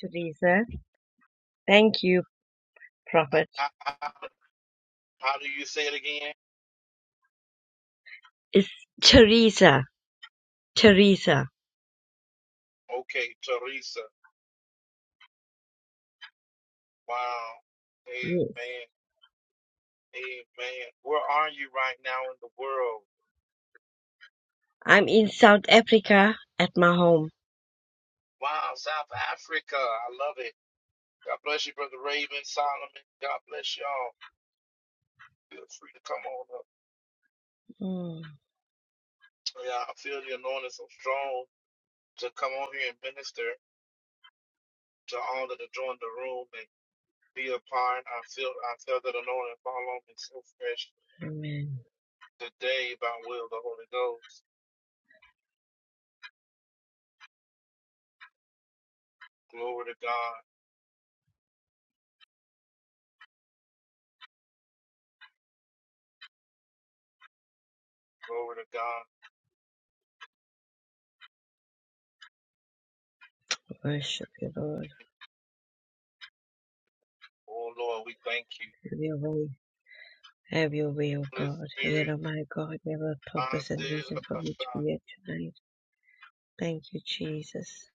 Teresa. Thank you, Prophet. It's Teresa. Teresa. Yes. I'm in South Africa at my home. Mm, amen. Worship you, Lord. Have your way. Have your way, O God. Yet, oh my God, you have a purpose and reason for me to be here tonight. Thank you, Jesus.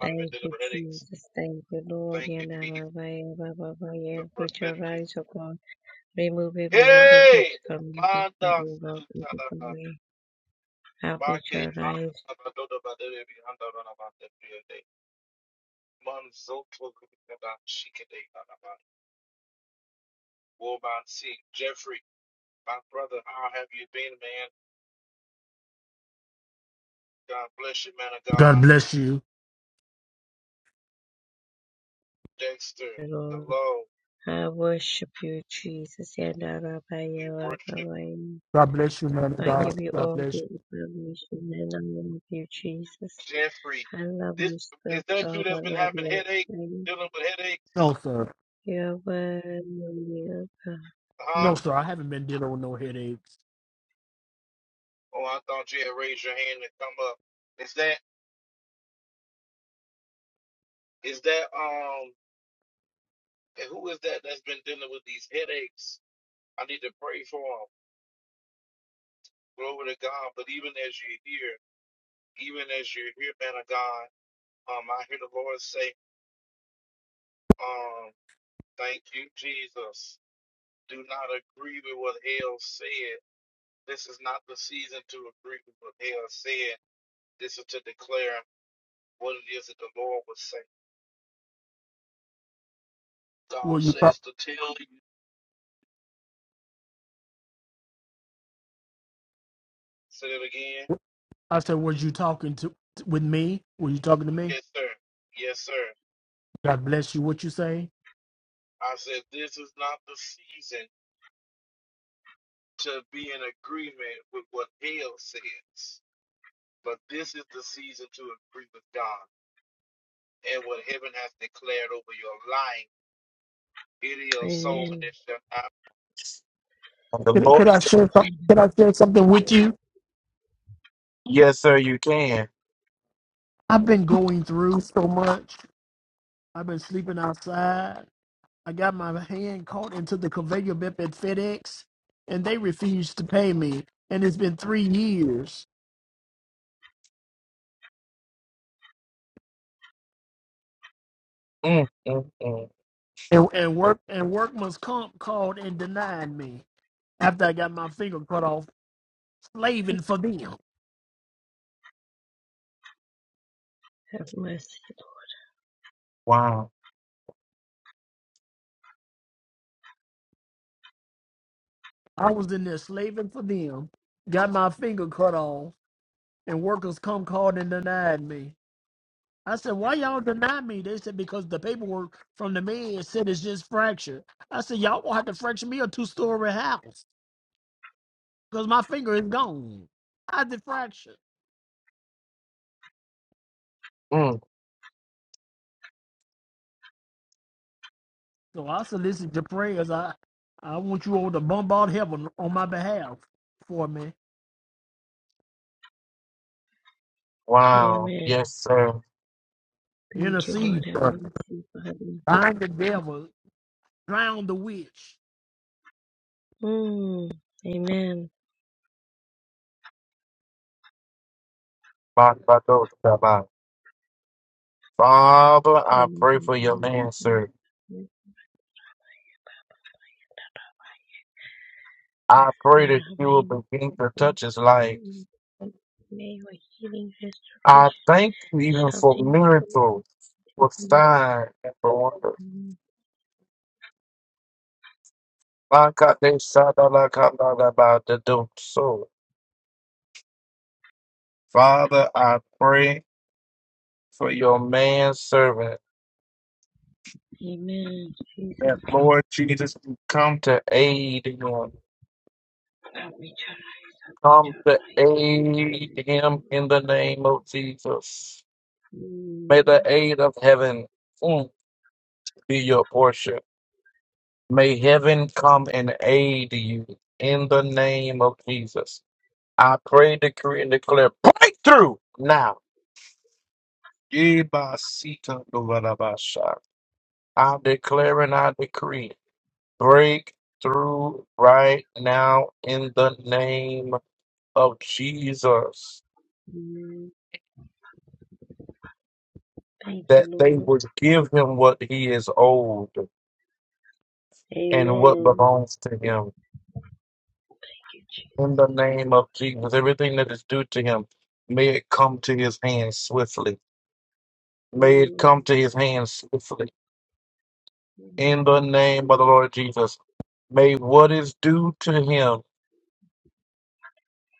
Thank you, Jesus. Thank you, Lord. Yet, oh my God, oh my God, yeah. your eyes, O God, remove every hindrance, obstacle, movement, and Lord, out of the way. Help me to rise, God bless you. Lord. I worship you, Jesus. Yadarabayarababai. God bless you, man of I God. give you God all bless the you. information and I love you, Jesus. I love you, Sir God. I love you. Thank No, sir. you, Lord. No, sir. I haven't been dealing with no headaches. Were you? ta- I said, was you talking to with me? Were you talking to me? God bless you. What you say? Amen. Could, could I share? some- Could I share something with you? I've been going through so much. I've been sleeping outside. I got my hand caught into the conveyor belt at FedEx, and they refused to pay me. And it's been three years. And, and work and workman's comp called and denied me after I got my finger cut off, slaving for them. Have mercy. Mm, I was in there slaving for them, got my finger cut off, and workers comp called and denied me. I said, why y'all deny me? They said, because the paperwork from the man said it's just fractured. I said, y'all will to have to fracture me a two story house because my finger is gone. I did fracture. So I solicit your prayers. I, I want you all to bombard heaven on my behalf for me. Lord. Wow. Amen. Yes, sir. Thank you, Lord. Intercede Have for me. mercy, Father. Bind the devil. Drown the witch. Mm. Amen. ba ba Father, I pray for your man, sir. I pray that you will begin to Amen. touch his life. May your healing restoration I thank you even for shouting, take miracles, for place. signs, and for wonders. ba ka de sa da la ka la la ba do So, Father, I pray for your man servant Amen. that Jesus, Lord Jesus you come to aid him. help me to rise, help me Come to to rise, help aid me to him in rise. the name of Jesus. Jesus. May Amen. the aid of heaven mm, be your portion. May heaven come and aid you in the name of Jesus. I pray, decree, and declare breakthrough now. Ibasita dovarabasha. I declare and I decree breakthrough right now in the name of Jesus. Amen. Thank you, That they Lord. would give him what he is owed and what Amen. belongs to him Thank you, Jesus. In the name of Jesus, everything that is due to him, may it come to his hands swiftly. May it Amen. come to his hands swiftly. Amen. In the name of the Lord Jesus, may what is due to him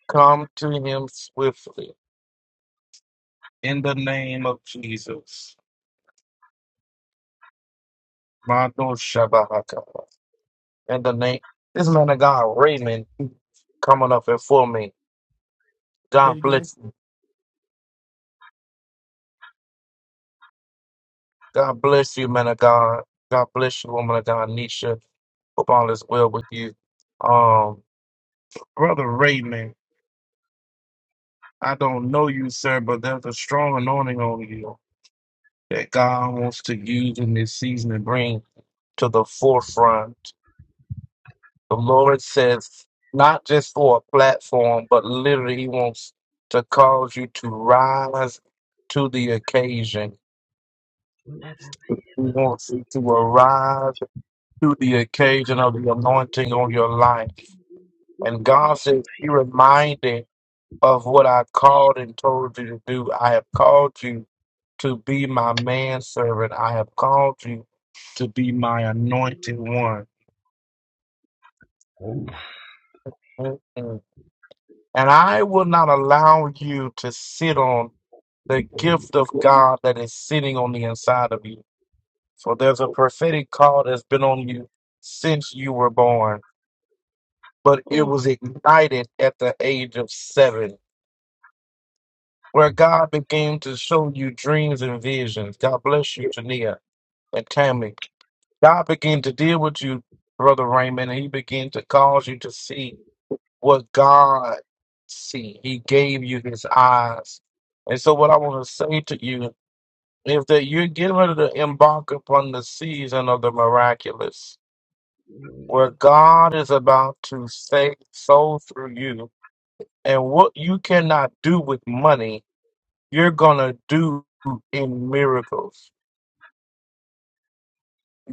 come to him swiftly. In the name of Jesus. Mando Shabaka. In the name, this man of God, Raymond, coming up and for me. Say it God again. bless you. God bless you, man of God. God bless you, woman of God, Nisha. Hope all is well with you. Um, Brother Raymond, I don't know you, sir, but there's a strong anointing on you that God wants to use in this season and bring to the forefront. The Lord says, not just for a platform, but literally, He wants to cause you to rise to the occasion. He wants you to arise to the it's occasion of the anointing on your life. just And God awesome, says, be pretty. reminded. of what I called and told you to do. I have called you to be my manservant. I have called you to be my anointed one. Mm-mm. And I will not allow you to sit on the gift of God that is sitting on the inside of you. For there's a prophetic call that's been on you since you were born, but it Mm. was ignited at the age of seven, where God began to show you dreams and visions. God bless you, Jania and timely. God began to deal with you, Brother Raymond, and He began to cause you to see what God see. He gave you His eyes. And so, what I want to say to you is that you're getting ready to embark upon the season of the miraculous, where God is about to save soul through you. And what you cannot do with money, you're going to do in miracles.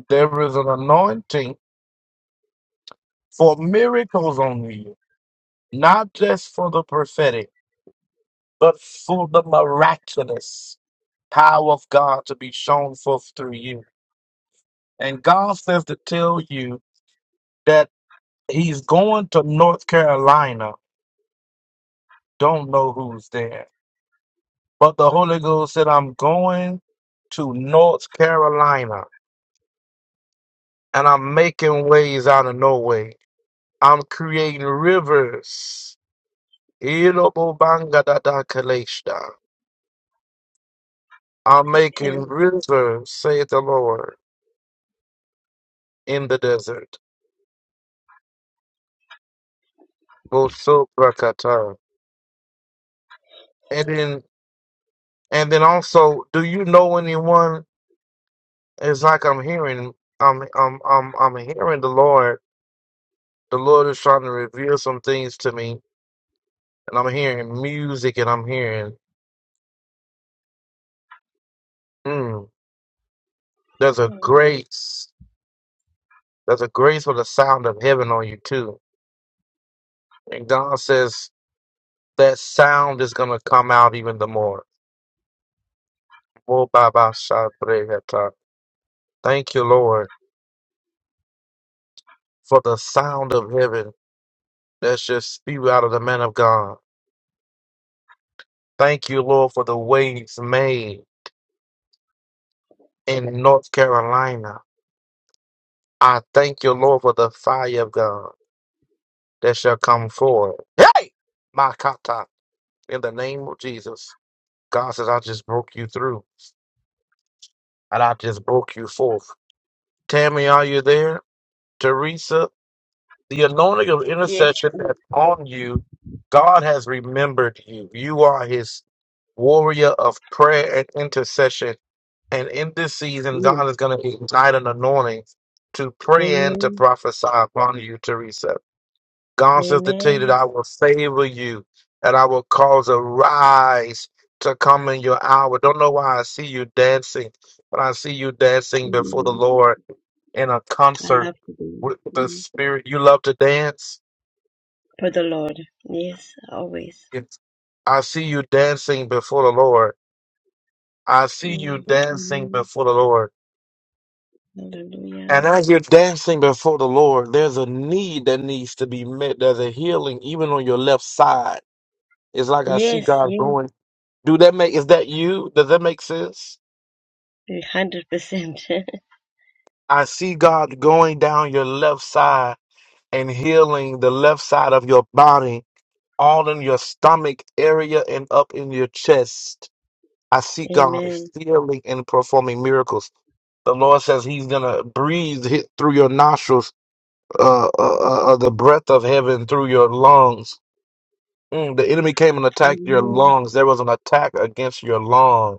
There is an anointing for miracles on you. not just for the prophetic, but for the miraculous power of God to be shown forth through you. And God says to tell you that He's going to North Carolina. Don't know who's there. But the Holy Ghost said, I'm going to North Carolina and I'm making ways out of no way. I'm creating rivers. Ilobobanga da da kaleshda. I'm making Amen. rivers, saith the Lord. in the desert. Bosu Prakata. And then and then also, do you know anyone it's like I'm hearing I'm I'm I'm I'm hearing the Lord. The Lord is trying to reveal some things to me and I'm hearing music and I'm hearing mm, there's a Mm. grace. There's a grace for the sound of heaven on you too. And God says that sound is gonna come out even the more. Wo ba ba sha bre heta. Thank you, Lord, for the sound of heaven That's just spew out of the man of God. Thank you, Lord, for the waves made in North Carolina. I thank you, Lord, for the fire of God that shall come forth. Hey, my kata, in the name of Jesus. God says, I just broke you through and I just broke you forth. Tammy, are you there? Teresa, the anointing of Yes. intercession that's on you, God has remembered you. You are his warrior of prayer and intercession And in this season, Yes. God is going to ignite an anointing to pray and to Amen. prophesy upon you, Teresa. God says to tell you that Amen. I will favor you and I will cause a rise to come in your hour. Don't know why I see you dancing, but I see you dancing before the Amen. Lord in a I concert love you. with the Amen. Spirit. You love to dance? for the Lord. Yes, always. It's I see you dancing before the Lord. I see you Mm. dancing Amen. before the Lord. And Hallelujah. as you're dancing before the Lord, there's a need that needs to be met. There's a healing even on your left side. It's like I see Yes, God yes, going. Do that make is that you? Does that make sense? hundred percent. I see God going down your left side and healing the left side of your body, all in your stomach area and up in your chest. I see God Amen. healing and performing miracles. The Lord says He's gonna breathe hit through your nostrils uh, uh, uh, uh, the breath of heaven through your lungs. Mm, the enemy came and attacked your Amen. lungs. There was an attack against your lung.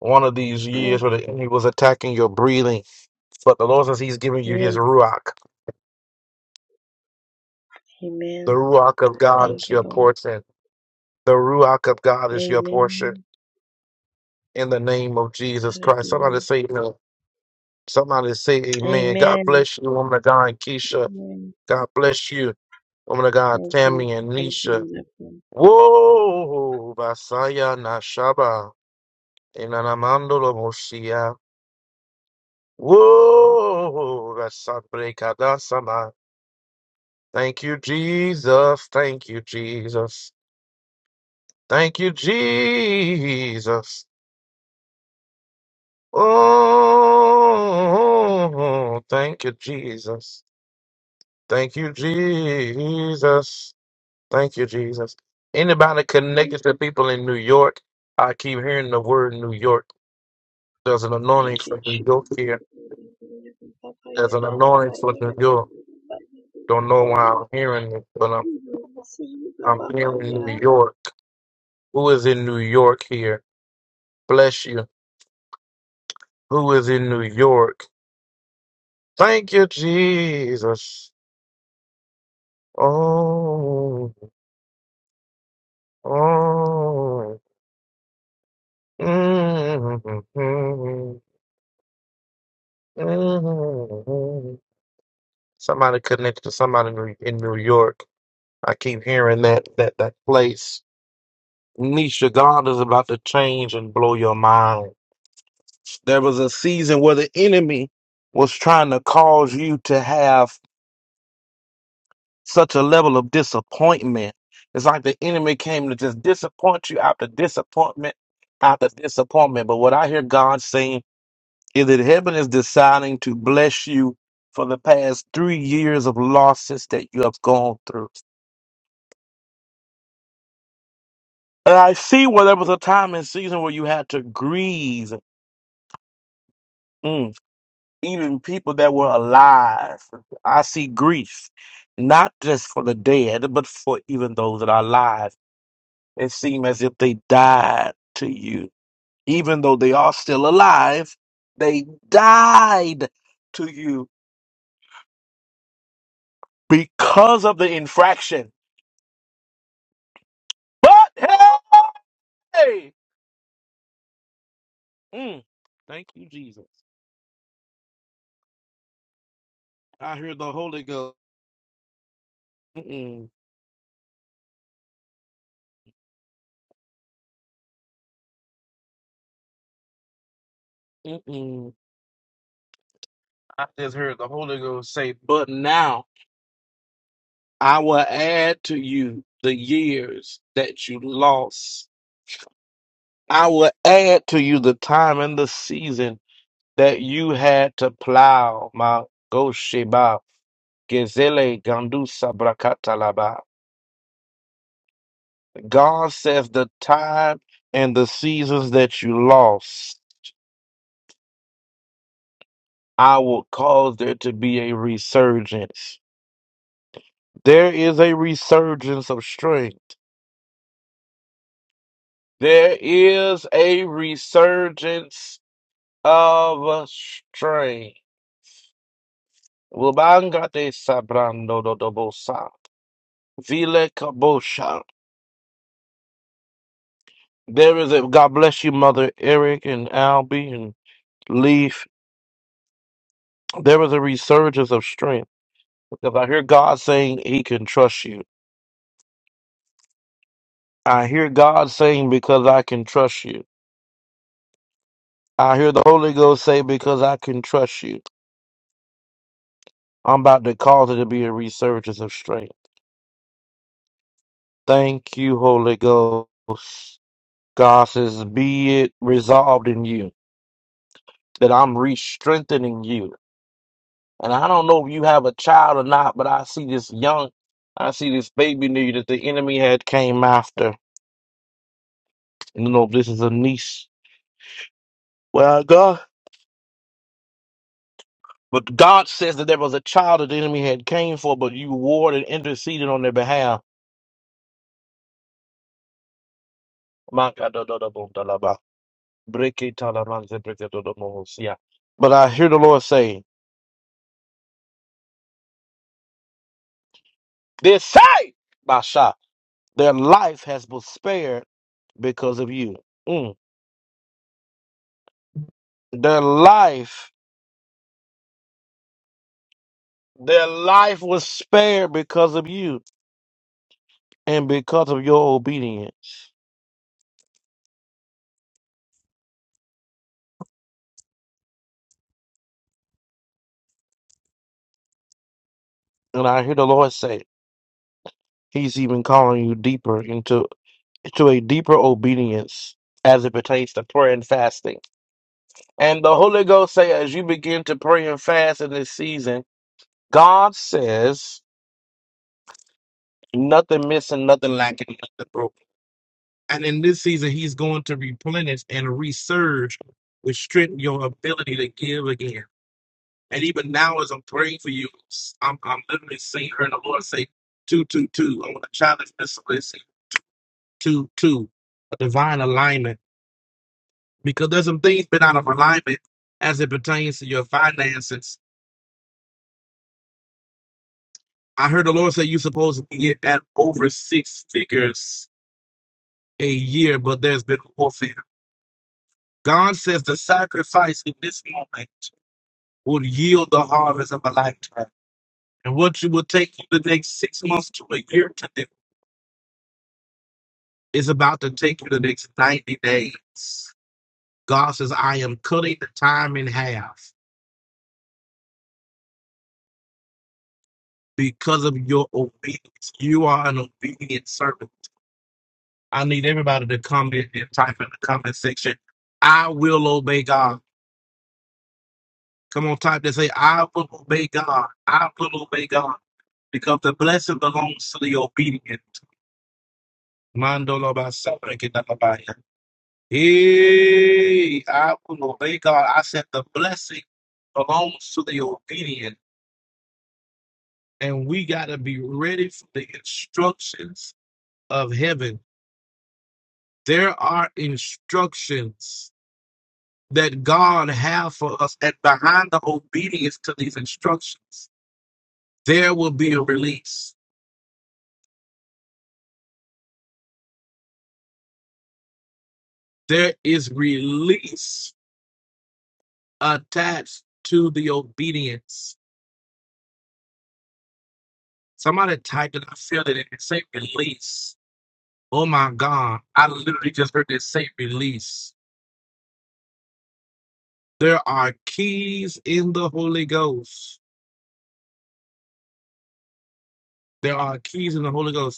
One of these years Mm. where the enemy was attacking your breathing, but the Lord says He's giving you His Yes, ruach. The Amen. ruach of God is Thank you, your Lord. portion. The ruach of God is your portion. Amen. In the name of Jesus Christ, somebody Hallelujah. say no. Somebody say Amen. God Amen. bless you, woman of God, Keisha. Amen. God bless you, woman of God, Thank you. Tammy and Thank you, Nisha. Lord. of God. Whoa, Basaya Nashaba, Inanamandolo Moshia. Whoa, Rasabrekadasama. Thank you, Jesus. Thank you, Jesus. Thank you, Jesus. Oh, thank you, Jesus. Thank you, Jesus. Thank you, Jesus. Anybody Okay. connected to people in New York, I keep hearing the word New York. There's an anointing Thank you, for New York Jesus. here. There's an annoyance with New York. Don't know For why you, I'm hearing it, but I'm see you, I'm Papa, hearing New yeah, York. Who is in New York here? Bless you. Who is in New York? Thank you, Jesus. Oh, oh. mm mm mm Somebody connected to somebody in New in New York. I keep hearing that that that place. Nisha, God is about to change and blow your mind. There was a season where the enemy was trying to cause you to have such a level of disappointment. It's like the enemy came to just disappoint you after disappointment after disappointment. But what I hear God saying is that heaven is deciding to bless you for the past three years of losses that you have gone through. And I see where there was a time and season where you had to grieve. Mm. even people that were alive. I see grief, not just for the dead, but for even those that are alive. It seems as if they died to you. Even though they are still alive, they died to you because of the infraction. But hey! Mm, thank you, Jesus. I heard the Holy Ghost. Mm-mm, mm-mm. I just heard the Holy Ghost say, but now. I will add to you the years that you lost. I will add to you the time and the season that you had to plow. My Gosheba, Gezele Gandusa Brakatalaba. God says the time and the seasons that you lost, I will cause there to be a resurgence. There is a resurgence of strength. There is a resurgence of stray. Lubangate sabrando dodobosa. Vile kabosha. There is a God bless you, Mother Eric and Albie and Leaf. There is a resurgence of strength because I hear God saying He can trust you. I hear God saying because I can trust you. I hear the Holy Ghost say because I can trust you. I'm about to cause it to be a resurgence of strength. Thank you, Holy Ghost. God says, be it resolved in you. that I'm re strengthening you. And I don't know if you have a child or not, but I see this young, I see this baby nigga that the enemy had came after. And you know, this is a niece. Well, God. But God says that there was a child that the enemy had came for, but you warred and interceded on their behalf. My God, da, da, da, boom, da, la, ba. Break it, ta, la, man, ze, break it, da, da, mo, see ya. But I hear the Lord say, They say, Basha, their life has been spared because of you. Mm. Their life Their life was spared because of you and because of your obedience. And I hear the Lord say, He's even calling you deeper into to a deeper obedience as it pertains to prayer and fasting. And the Holy Ghost say, as you begin to pray and fast in this season, God says, nothing missing, nothing lacking, nothing broken. And in this season, He's going to replenish and resurge with strength your ability to give again. And even now, as I'm praying for you, I'm, I'm literally seeing her and the Lord say, two, two, two. I want to challenge this listen, two, two, a divine alignment. Because there's some things been out of alignment as it pertains to your finances. I heard the Lord say you're supposed to get at over six figures a year, but there's been warfare. God says the sacrifice in this moment will yield the harvest of a lifetime. And what you will take you the next six months to a year to do. It's about to take you the next 90 days. God says, I am cutting the time in half because of your obedience. You are an obedient servant. I need everybody to come in and type in the comment section, I will obey God. Come on, type that say, I will obey God. I will obey God. Because the blessing belongs to the obedient. Mando lo ba sa ba ke da Hey, I will obey God. I said the blessing belongs to the obedient. and we got to be ready for the instructions of heaven. There are instructions that God has for us, and behind the obedience to these instructions, there will be a release. There is release attached to the obedience. Somebody typed it. I feel it. and It say release. Oh my God! I literally just heard it say release. There are keys in the Holy Ghost. There are keys in the Holy Ghost.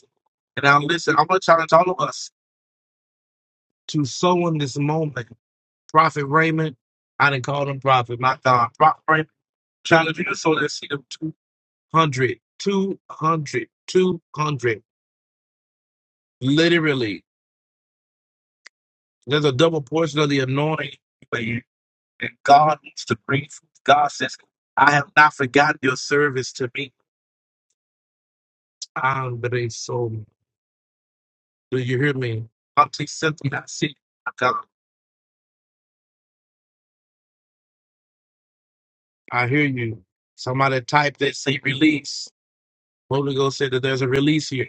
And now listen, I'm gonna challenge all of us to sow in this moment. Prophet Raymond, I didn't call him Prophet, my God. Prophet Raymond, challenge you to sow that seed of two hundred, two hundred, two hundred. Literally, there's a double portion of the anointing that you- that God needs to bring. forth. God says, I have not forgotten your service to me. I'm the soul. Do you hear me? I'm something I see. God, I hear you. Somebody type that say release. Holy Ghost said that there's a release here.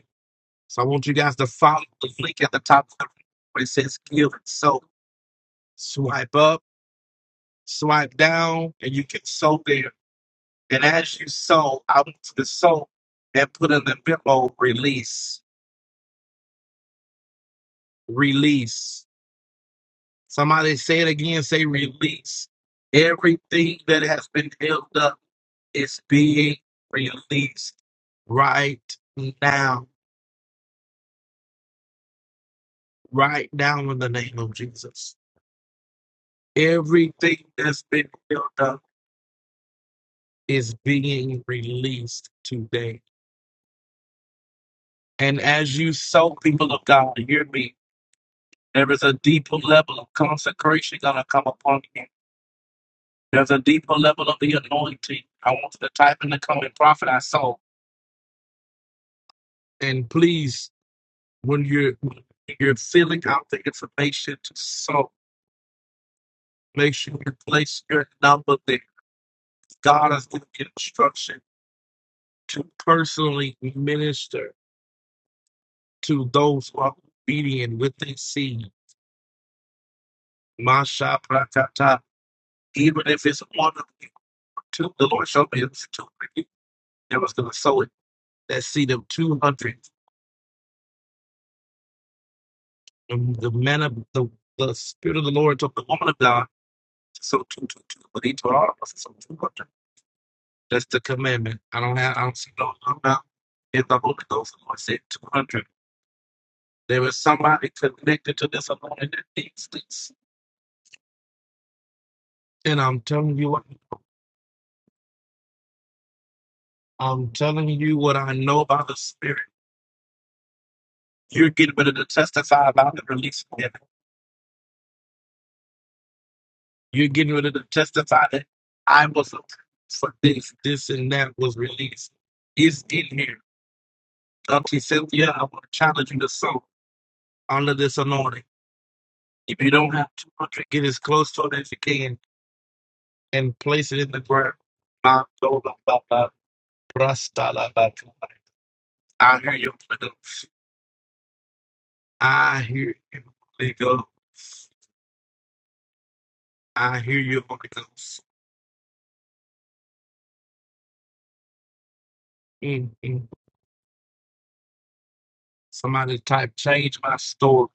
So I want you guys to follow the link at the top of the room where it says give. So swipe up, swipe down, and you can sow there. And as you sow, I want you to sow and put in the memo release. Release. Somebody say it again, say release. Everything that has been held up is being released right now. Right now in the name of Jesus. Everything that's been built up is being released today. And as you sow, people of God, hear me. There is a deeper level of consecration going to come upon you. There's a deeper level of the anointing. I want you to type in the comment, Prophet, I sow. And please, when you're, when you're filling out the information to sow, make sure you place your number there. God is giving instruction to personally minister to those who are obedient with their seed. Masha prakata. Even if it's one of you, two, the Lord showed me it was two of you that was going to sow it. That seed of 200. And the man of the, the Spirit of the Lord told the woman of God to sow two, two, two. But he told all of us to sow 200. That's the commandment. I don't have, I don't see no, I'm If the Holy Ghost, the Lord said 200. There is somebody connected to this anointing that needs this. And I'm telling you what. I'm telling you what I know about the Spirit. You're getting ready to testify about the release of it. You're getting ready to testify that I was approved for this, this, and that was released. It's in here. Auntie Cynthia, I want to challenge you to sow under this anointing. If you don't have 200, get as close to it as you can and place it in the ground. Ma- do- la- ba- ba- brasta- la- ba- ta- la. I hear you. Holy Ghost. I hear you. Holy Ghost. I hear you, Holy Ghost. Mm, mm. Somebody type change my story.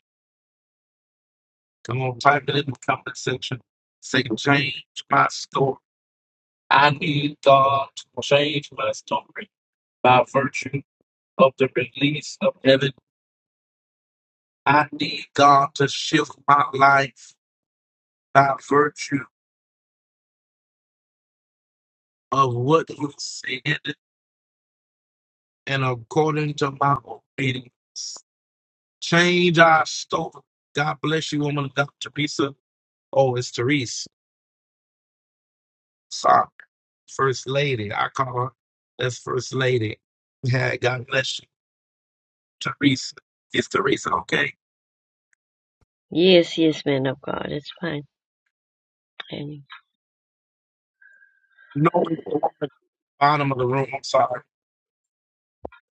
Come on, type it in the comment section. Say change my story. I need God to change my story by virtue of the release of heaven. I need God to shift my life by virtue of what He said and according to my obedience. Change our story. God bless you, woman of God, Teresa. Oh, it's Therese. Sorry. First Lady. I call her that's First Lady. Yeah, God bless you. Teresa. It's Teresa, okay? Yes, yes, man of God. It's fine. Thank- No bottom of the room. I'm sorry.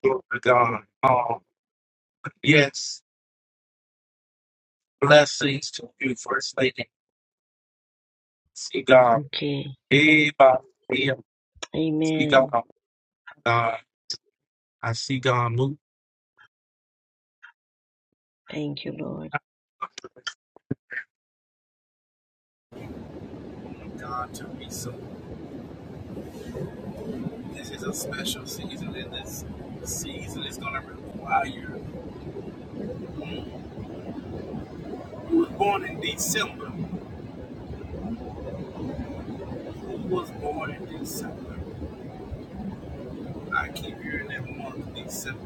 Glory to God. Um, yes, blessings to you, First Lady. See God. Okay. Everybody here. See God. Amen. God. I see God move. Thank you, Lord. God, Teresa, this is a special season. And this season is going to require you. Who was born in December? Who was born in December? I keep hearing that month, December,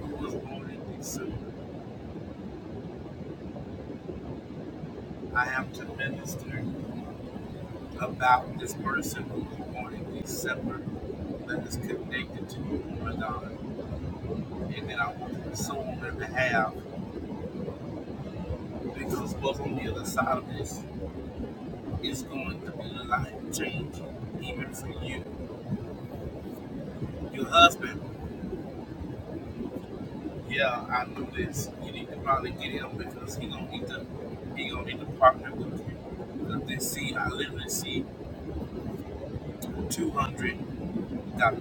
who was born in December. I have to minister about this person who was born in December that is connected to you, Madonna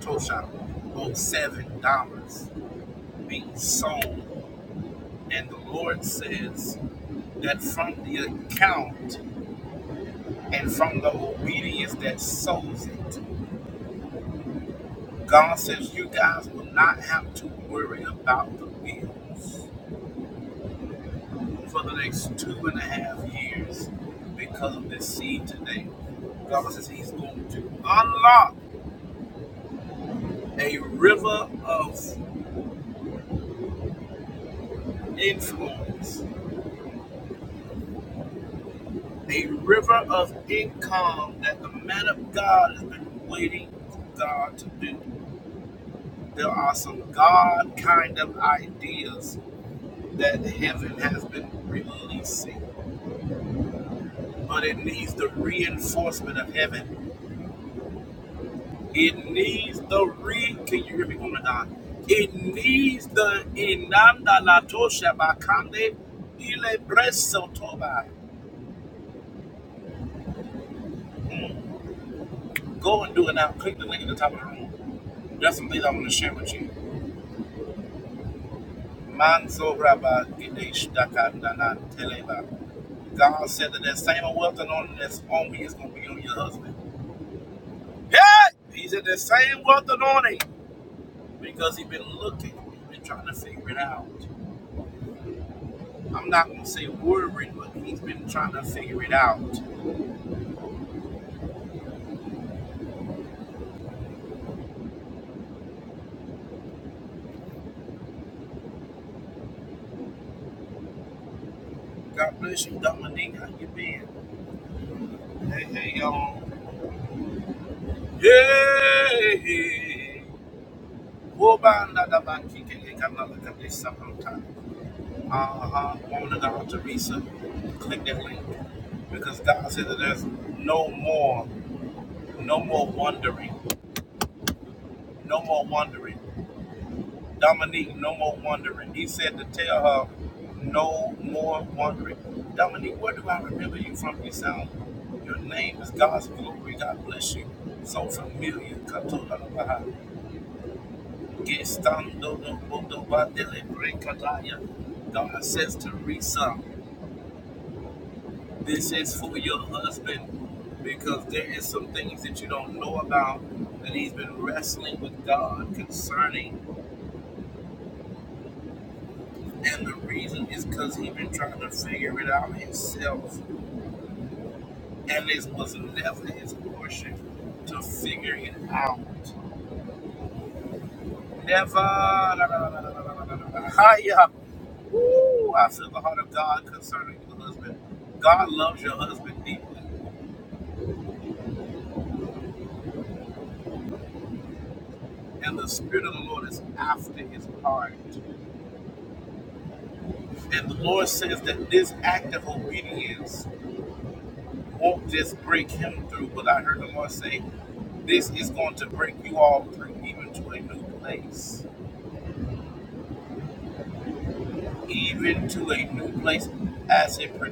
Tosha. Both seven dollars being sold. And the Lord says that from the account and from the obedience that sows it, God says you guys will not have to worry about the bill for the next two and a half years because of this seed today. God says he's going. It needs the re. Can you hear me, woman? of God? It needs the inanda la tosha bakande ile breso toba na maba ina teleba. God said that that same wealth anointing that's on me is going to be on your husband. Hey! He said the same wealth anointing because he's been looking, he's been trying to figure it out. I'm not going to say worried, but he's been trying to figure it out. Yeah! Wobanda da ba kike le kana la kade Uh-huh. Woman of God, Teresa. Click that link. Because God said that there's no more wandering. Dominique, no more wandering. He said to tell her, no more wandering. Dominique, where do I remember you from? You sound, your name is God's glory. God bless you. So familiar. Katoda la baha. Gestando do bodo ba dele brekadaya. God says, Teresa, this is for your husband. because there is some things that you don't know about that he's been wrestling with God concerning, and the reason is because he's been trying to figure it out himself, and it was never his portion to figure it out. Never. da, da, da, da, da, da, da, da, da. Hiya. Woo, I feel the heart of God concerning your husband. God loves your husband deep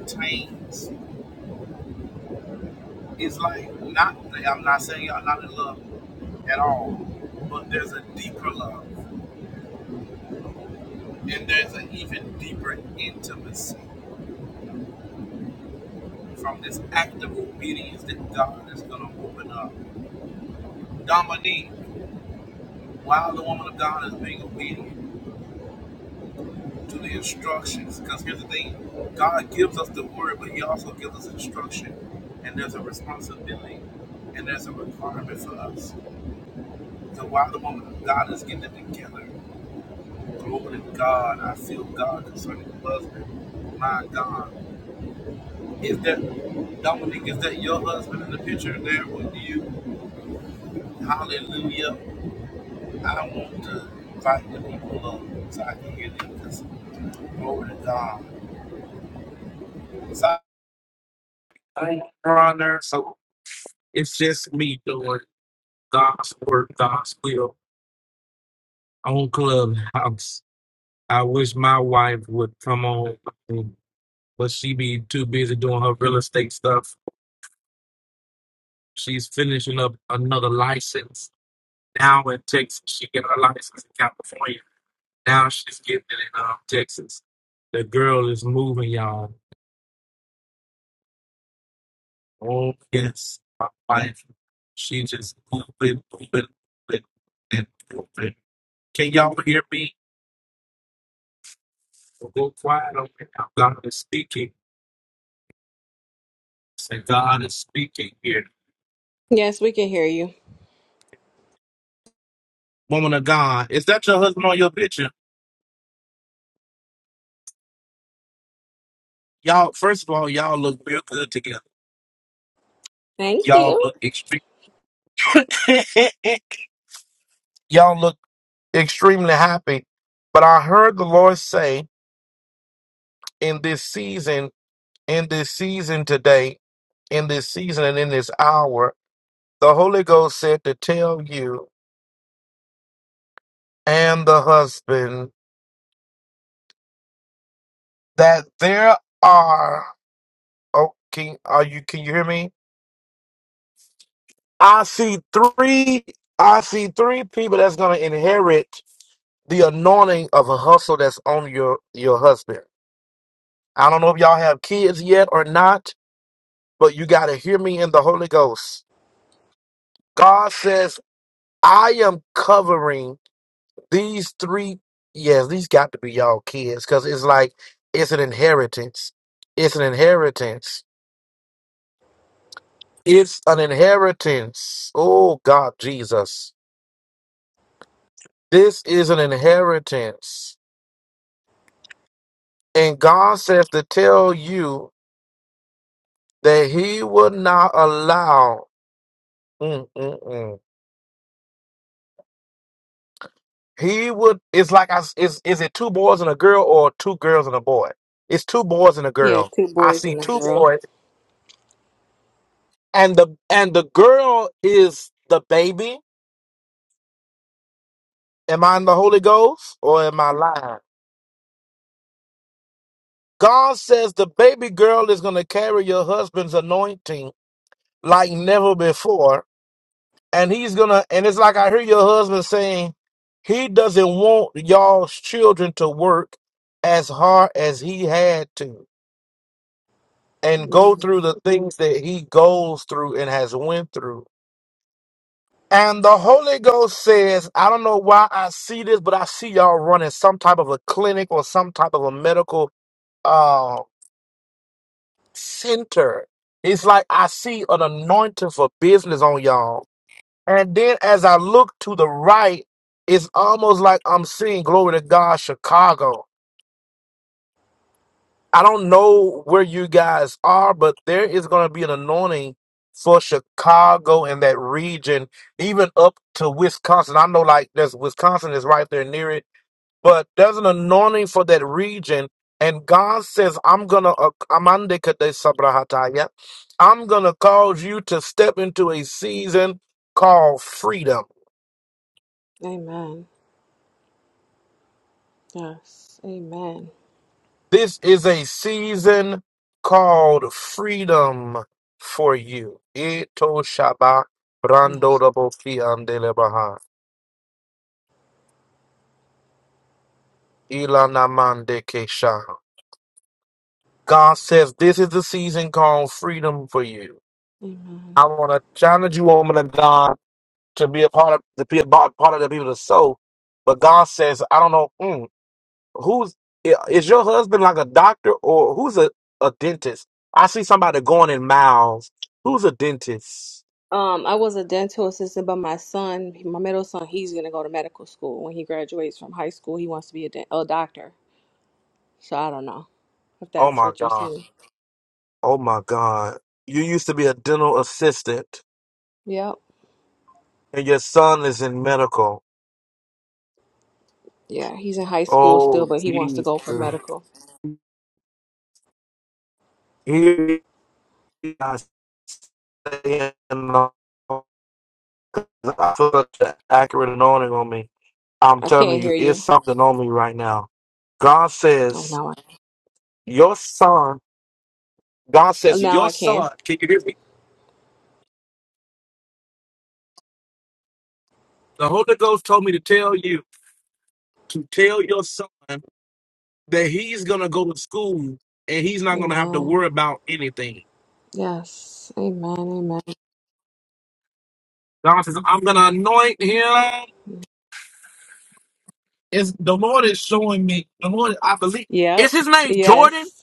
retains. It's like not I'm not saying y'all not in love at all, but from this act of obedience that God is going to open up. Dominique, while the woman of God is being obedient to the instructions, because here's the thing God gives us the word, but He also gives us instruction, and there's a response. And that's so while the woman of God is getting glory, and I feel God concerning us, is how I invite the people up so I can hear them. Because glory to God. So I on there, So it's just me doing God's work, God's will on Clubhouse. I wish my wife would come on, but she be too busy doing her real estate stuff. She's finishing up another license now in Texas. She get her license in California. Now she's getting it in um, Texas. The girl is moving, y'all. Oh yes, my wife. She just moving, moving, moving, and moving. Can y'all hear me? Go quiet. on me. God is speaking. Say God is speaking here. Yes, we can hear you. woman of God, is that your husband on your picture? Y'all, first of all, y'all look real good together. Thank Y'all you. look extreme. y'all look extremely happy. But I heard the Lord say in this season, in this season today, in this season and in this hour, the Holy Ghost said to tell you and the husband that there are. Oh, can, are you? Can you hear me? I see three. I see three people that's gonna inherit. the anointing of a hustle that's on your your husband. I don't know if y'all have kids yet or not, but you got to hear me in the Holy Ghost. God says, "I am covering these three. Yes, these got to be y'all kids because it's like it's an inheritance. It's an inheritance. It's an inheritance. Oh God, Jesus, this is an inheritance." And God says to tell you that He will not allow Mm-mm-mm. He would. It's like I. s- Is is it two boys and a girl or two girls and a boy? It's two boys and a Yeah, girl. two I boys see and a two girl. boys, and the and the girl is the baby. Am I in the Holy Ghost or am I lying? God says the baby girl is gonna carry your husband's anointing like never before, and he's gonna. And it's like I hear your husband saying he doesn't want y'all's children to work as hard as he had to and go Mm. through the things that he goes through and has went through. And the Holy Ghost says, I don't know why I see this, but I see y'all running some type of a clinic or some type of a medical uh, center. It's like I see an anointing for business on y'all. And then as I look to the right, it's almost like I'm seeing, glory to God, Chicago. I don't know where you guys are, but there is going to be an anointing for Chicago and that region, even up to Wisconsin. I know, like, there's Wisconsin is right there near it, but there's an anointing for that region. And God says, I'm going to, I'm going to cause you to step into a season called freedom. Amen. Yes. Amen. This is a season called freedom for you. Ito shaba brando Yes. rabo fi andele baha. Ilana mande kesha. God says this is the season called freedom for you. Amen. I want to challenge you, woman of God, to be a part of to be a part part of the people of the soul. But God says, I don't know mm, who's i- is your husband like a doctor or who's a, a dentist? I see somebody going in miles. Who's a dentist? Um, I was a dental assistant, but my son, my middle son, he's gonna go to medical school when he graduates from high school. He wants to be a, dent- a doctor. So I don't know if Oh that's my what you're God. seeing. Oh my God. You used to be a dental assistant Yep. and your son is in medical. Yeah, he's in high school still, Oh but he wants to Jesus. go for medical. Here I stand. I feel such an accurate anointing on me. I'm I telling can't you, hear it's you. something on me right now. God Oh, says, now I Your son, God oh, says, now Your I can. son, can you hear me? The Holy Ghost told me to tell you to tell your son. that he's gonna go to school and he's not gonna have to Amen. worry about anything. Yes. Amen. Amen. God says, I'm gonna anoint him. It's, the Lord is showing me. The Lord, I believe. Is Yep. his name Jordan? Yes.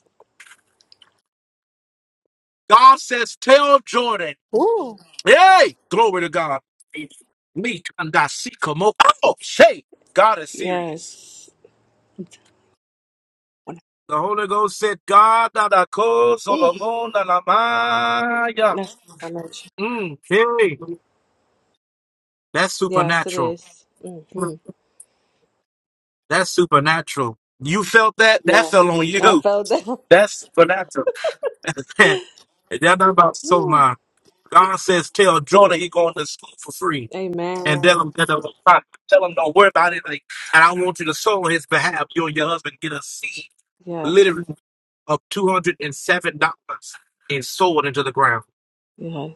God says, tell Jordan. Ooh. Hey, glory to God. Me and I see come up. Oh, say, God is serious. Yes. The Holy Ghost said, God, that I call Ooh. Solomon, that I- maya. That's confirmation. Mm, hey, that's Yes, it supernatural. is. Mm-hmm. That's supernatural. You felt that? That Yes. fell on I you. felt that. That's supernatural. That's not about so Ooh, mine. God says, tell Jordan he going to school for free. And tell Amen. him that it was fine. Tell him don't worry about anything. And I want you to sow on his behalf. You and your husband get a seed, Yes. literally, of $207 and seven dollars and sow it into the ground.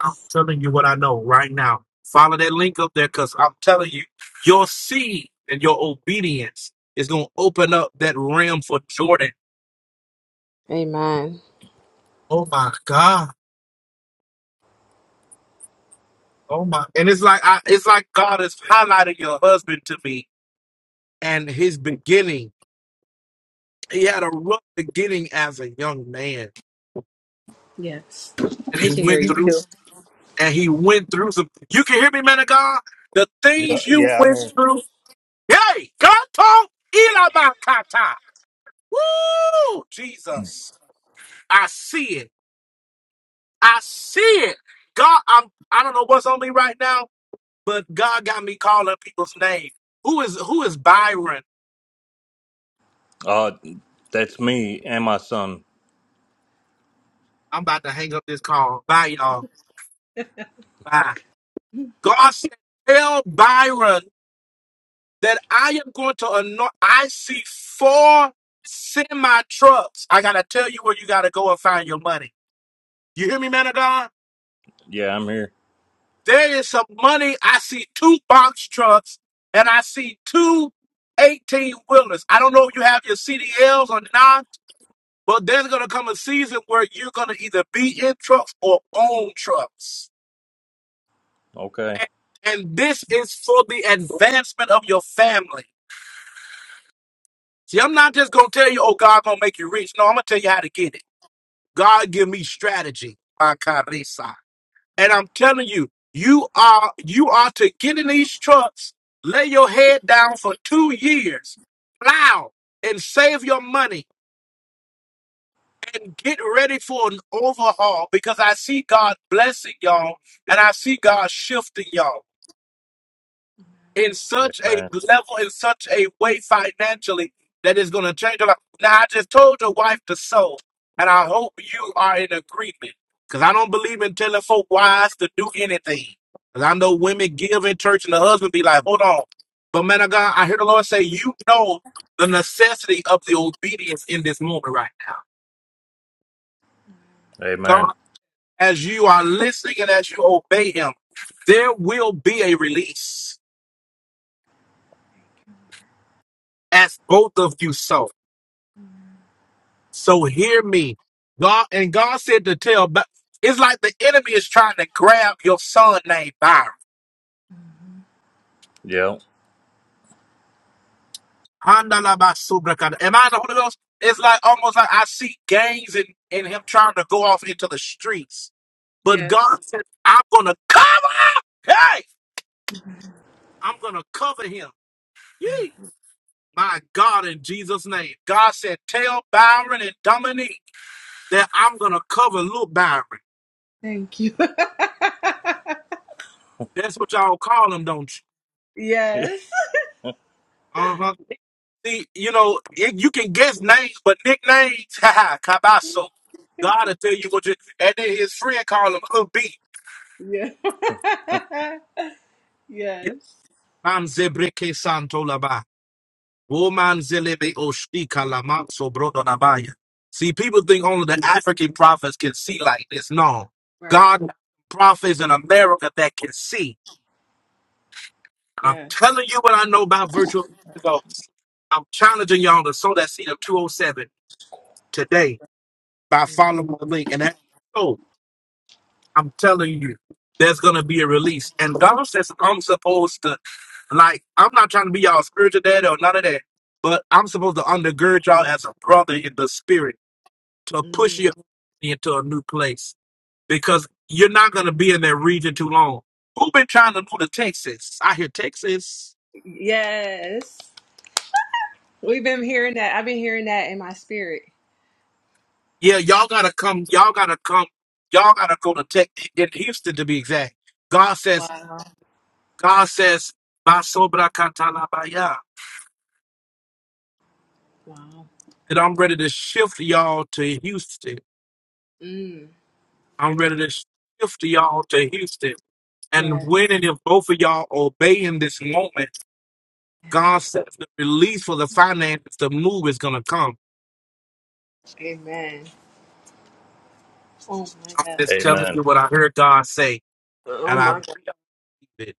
I'm telling you what I know right now. Follow that link up there because I'm telling you, your seed and your obedience is going to open up that realm for Jordan. Amen. Oh my God. Oh my. And it's like, I, it's like God has highlighted your husband to me and his beginning. He had a rough beginning as a young man Yes. and He can he hear went you through, too. and he went through some, you can hear me, man of God? The Yeah, things you yeah, I'm went here. through. Hey, God told Elamah Woo! Jesus. I see it. I see it. God, I'm I don't know what's on me right now, but God got me calling people's name. Who is who is Byron? Uh, that's me and my son. I'm about to hang up this call. Bye, y'all. Bye. God said, tell Byron that I am going to anoint. I see four semi trucks. I gotta tell you where you gotta go and find your money. You hear me, man of God? Yeah, I'm here. There is some money. I see two box trucks and I see two eighteen wheelers. I don't know if you have your CDLs or not, but there's going to come a season where you're going to either be in trucks or own trucks. Okay. And, and this is for the advancement of your family. See, I'm not just going to tell you, oh, God going to make you rich. No, I'm going to tell you how to get it. God give me strategy. And I'm telling you, you are you are to get in these trucks, lay your head down for two years, plow and save your money and get ready for an overhaul because I see God blessing y'all and I see God shifting y'all. in such a Amen. level, in such a way financially that is going to change your life. Now, I just told your wife to sow, and I hope you are in agreement because I don't believe in telling folk wives to do anything. Because I know women give in church, and the husband be like, hold on. But man of God, I hear the Lord say, you know the necessity of the obedience in this moment right now. Amen. God, as you are listening and as you obey Him, there will be a release as both of you sow. So hear me. God and God said to tell but it's like the enemy is trying to grab your son named Byron. Yeah. Handalabasubrakada. Am I the Holy Ghost? It's like almost like I see gangs and, and him trying to go off into the streets. But Yes. God said, I'm gonna cover him. Hey, I'm gonna cover him. Okay. Yee. My God in Jesus' name. God said, Tell Byron and Dominique that I'm gonna cover little Byron. Thank you. That's what y'all call him, don't yes. you? Uh huh. See, you know, it, you can guess names, but nicknames, haha, Cabasso. God will tell you what you. And then his friend called him Hook B. Yeah. Yeah. yes. Man zebreke santo laba. Woman zelebe oshika lamanso brodo labaya. See, people think only the African prophets can see like this. No. Right. God, prophets in America that can see. I'm Yes. telling you what I know about virtual ghosts. I'm challenging y'all to sow that seed of 207 today by Mm. following the link. And that. I'm telling you, there's gonna be a release. And God says I'm supposed to like I'm not trying to be y'all spiritual dad or none of that, but I'm supposed to undergird y'all as a brother in the spirit to push Mm. you into a new place because you're not gonna be in that region too long. Who been trying to move to Texas? I hear Texas. Yes. We've been hearing that. I've been hearing that in my spirit. Yeah, y'all gotta come. Y'all gotta come. Y'all gotta go to Tech in Houston to be exact. God says. Wow. God says. "Basobrakatalabayah." Wow. that I'm ready to shift y'all to Houston. Mm. I'm ready to shift y'all to Houston. And Yes. when and if both of y'all obey in this moment, God says the release for the finances, the move is going to come. Amen. Oh I'm my God. just telling Amen. you what I heard God say, Oh and I my believe God. it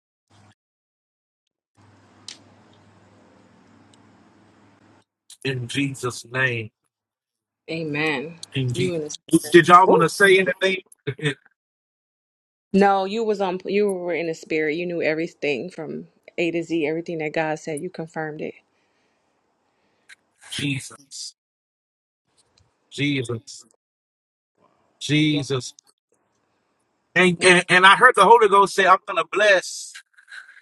in Jesus' name. Amen. In You Jesus. in the Did y'all want to Ooh. say anything? No, you was on you were in the spirit. You knew everything from A to Z, everything that God said, you confirmed it. Jesus, Jesus, Yeah. Jesus. And, Mm. and, and I heard the Holy Ghost say, I'm going to bless.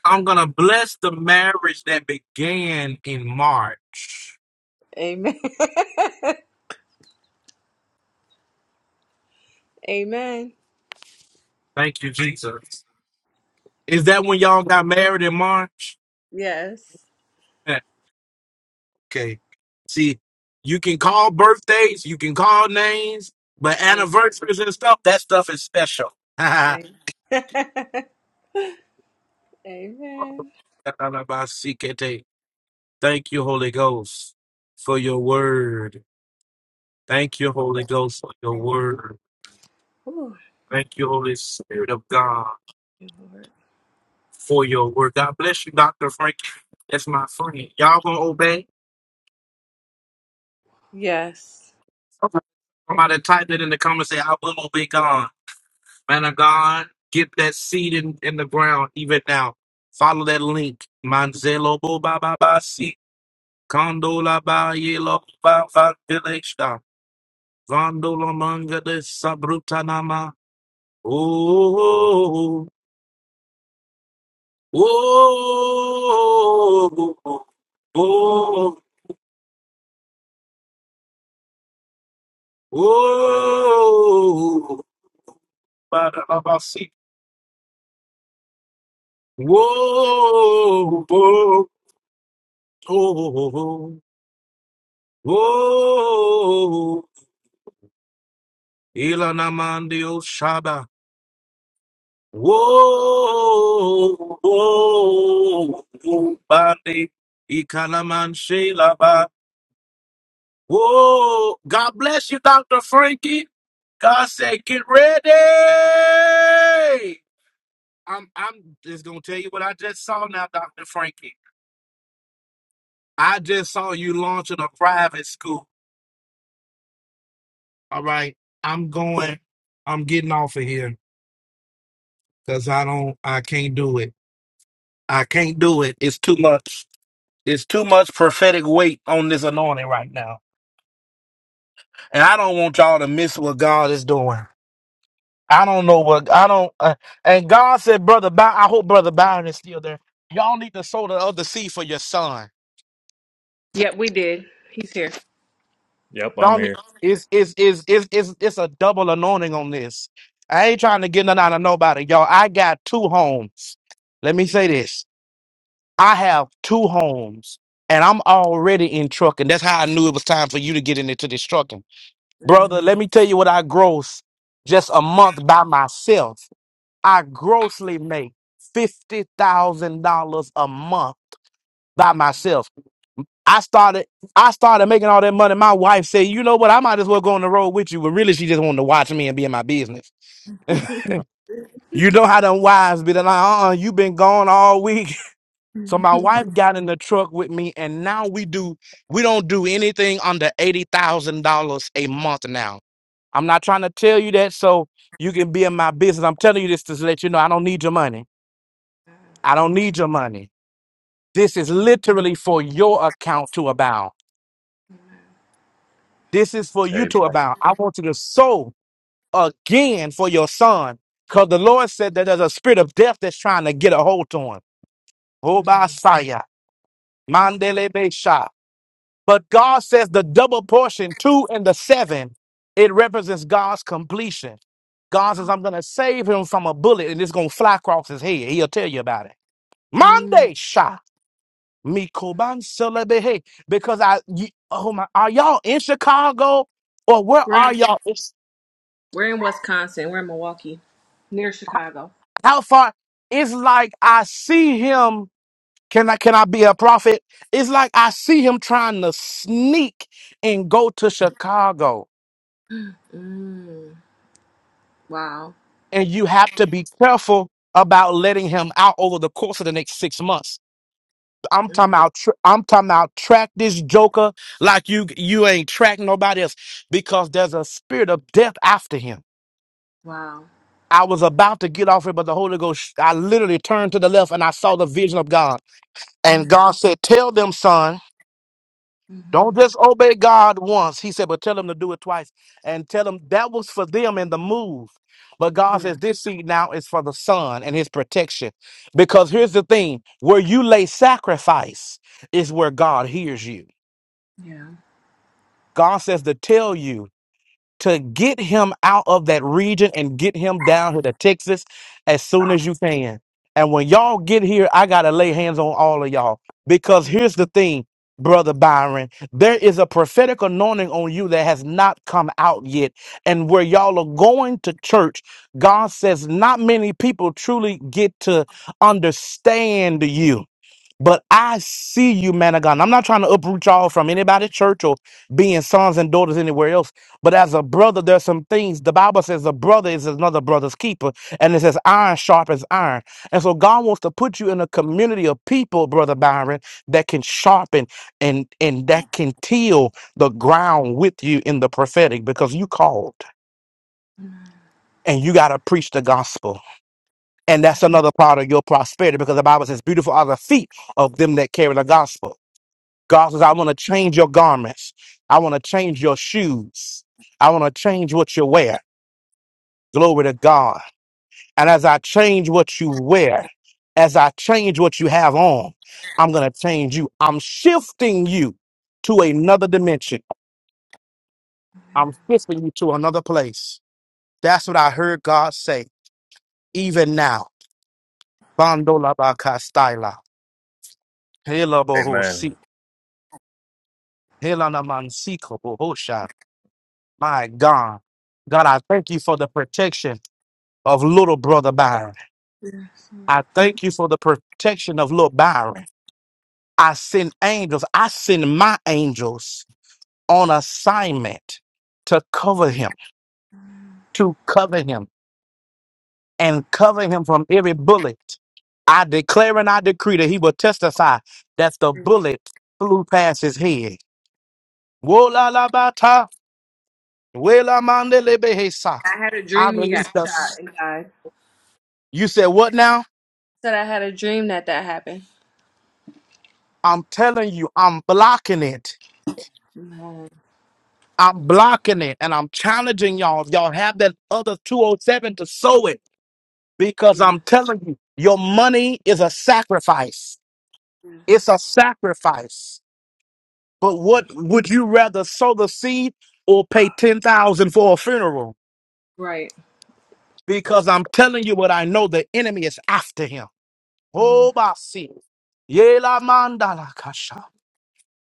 I'm going to bless the marriage that began in March. Amen. Amen. Thank you, Jesus. Is that when y'all got married in March? Yes. Eh, Okay. See, you can call birthdays, you can call names, but Mm. anniversaries and stuff, that stuff is special. Amen. Amen. Thank you, Holy Ghost, for your word. Thank you, Holy Ghost, for your Thank you. word. Ooh, Thank you, Holy Spirit of God. Lord. for your word. God bless you, Dr. Frank. That's my friend. Y'all gonna obey? Yes. Somebody type it in the comments. Say, I will obey God. Man of God, get that seed in, in the ground even now. Follow that link. Manzelo bo ba ba ba si. Condola ba ye lo ba ba village da. Gondola manga de sabrutanama. Oh, oh, oh, oh, oh, oh. oh, oh, Ba-da-ba-ba-see. Whoa, whoa, whoa, whoa, Ilana Mandio Shaba. Whoa, whoa, whoa, Bande, Ikalaman Sheila Ba. Whoa, God bless you, Dr. Frankie. God said, get ready. I'm, I'm just going to tell you what I just saw now, Dr. Frankie. I just saw you launching a private school. All right, I'm going. I'm getting off of here because I don't. I can't do it. I can't do it. It's too much. It's too much prophetic weight on this anointing right now, and I don't want y'all to miss what God is doing. I don't know what I don't. Uh, and God said, "Brother, By- I hope Brother Byron is still there. Y'all need to sow the other seed for your son. Yep, we did. He's here. Yep, I'm Y'all need. here. It's it's it's it's it's, it's a double anointing on this. I ain't trying to get none out of nobody, y'all. I got two homes. Let me say Mm, this. I have two homes and I'm already in trucking. That's how I knew it was time for you to get into this trucking. Brother, mm, let me tell you what I gross just a month by myself. I grossly make $50,000 a month by myself. I started I started making all that money. My wife said, "You know what? I might as well go on the road with you." But really she just wanted to watch me and be in my business. You know how them wives be they're like, uh "Uh-uh, you been gone all week." So mm, my wife got in the truck with me, and now we do we don't do anything under eighty thousand dollars a month now. I'm not trying to tell you that so you can be in my business. I'm telling you this to let you know I don't need your money. I don't need your money. This is literally for your account to abound. This is for you Amen. to abound. I want you to sow again for your son. Because the Lord said that there's a spirit of death that's trying to get a hold to him. Oh, by Messiah. But God says the double portion, two and the seven, it represents God's completion. God says, I'm going to save him from a bullet and it's going to fly across his head. He'll tell you about it. mm. Monday shot. Me koban celebehe. Because I, you, oh my, are y'all in Chicago or where We're are in, y'all? It's, we're in Wisconsin. We're in Milwaukee, near Chicago. how far? It's like I see him. Can I, can I be a prophet? It's like I see him trying to sneak and go to Chicago. Mm, wow. and you have to be careful about letting him out over the course of the next six months. I'm talking Mm, about. Tr- I'm talking about. Track this joker like you you ain't track nobody else because there's a spirit of death after him. wow. I was about to get off it, but the Holy Ghost. I literally turned to the left and I saw the vision of God, and Mm, God said, "Tell them, son." hmm Don't just obey God once. He said, but tell them to do it twice. And tell them that was for them in the move. But God Yeah. says, this seed now is for the son and his protection. Because here's the thing where you lay sacrifice is where God hears you. Yeah. God says to tell you to get him out of that region and get him down here to Texas as soon Yeah. as you can. And when y'all get here, I gotta lay hands on all of y'all. Because yeah. here's the thing, brother Byron, there is a prophetic anointing on you that has not come out yet. And where y'all are going to church, God says not many people truly get to understand you. But I see you, man of God. And I'm not trying to uproot y'all from anybody's church or being sons and daughters anywhere else. But as a brother, there's some things the Bible says a brother is another brother's keeper. And it says iron sharpens iron. And so God wants to put you in a community of people, Brother Byron, that can sharpen and and that can till the ground with you in the prophetic because you called and you gotta preach the gospel. And that's another part of your prosperity because the Bible says, Beautiful are the feet of them that carry the gospel. God says, I want to change your garments. I want to change your shoes. I want to change what you wear. Glory to God. And as I change what you wear, as I change what you have on, I'm going to change you. I'm shifting you to another dimension. I'm shifting you to another place. That's what I heard God say, even now. Bando la ba ka styla. Hela bo ho Amen. si- hela na man si ko bo ho sha. My God. God, I thank you for the protection. of little brother Byron. I thank you for the protection of little Byron. I send angels. I send my angels on assignment to cover him, to cover him, and cover him from every bullet. I declare and I decree that he will testify that the bullet flew past his head. Wo la la ba ta, we I had a I dream he got release the. shot and died. You said what now? Said I had a dream that that happened. I'm telling you, I'm blocking it. Man, I'm blocking it and I'm challenging y'all. If y'all have that other 207 to sow it, because I'm yes, telling you, your money is a sacrifice. It's yes, a sacrifice. But what would you rather sow the seed or pay 10,000 for a funeral? right. Because I'm telling you what I know the enemy is after him. Oh, Basi. Yela mandala kasha.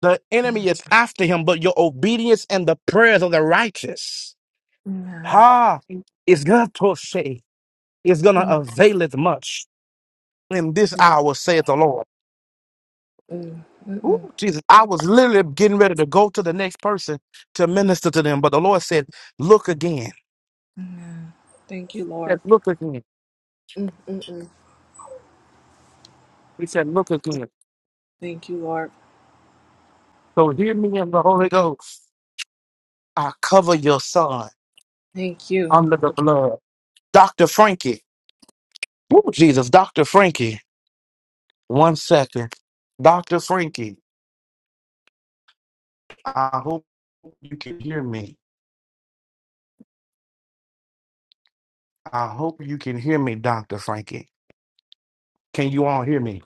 The enemy is after him, but your obedience and the prayers of the righteous. Man, Ha! Is good to say. is gonna avail it much in this hour, saith the Lord. Mm, mm-mm. Ooh, Jesus, I was literally getting ready to go to the next person to minister to them, but the Lord said, Look again. Amen. Thank you, He said, Lord. Look again. Mm, mm-mm. He said, Look again. Thank you, Lord. So hear me in the Holy Ghost. I cover your son Thank you. under the blood. Dr. Frankie. Ooh, Jesus, Dr. Frankie. One second. Dr. Frankie, I hope you can hear me. I hope you can hear me, Dr. Frankie. Can you all hear me?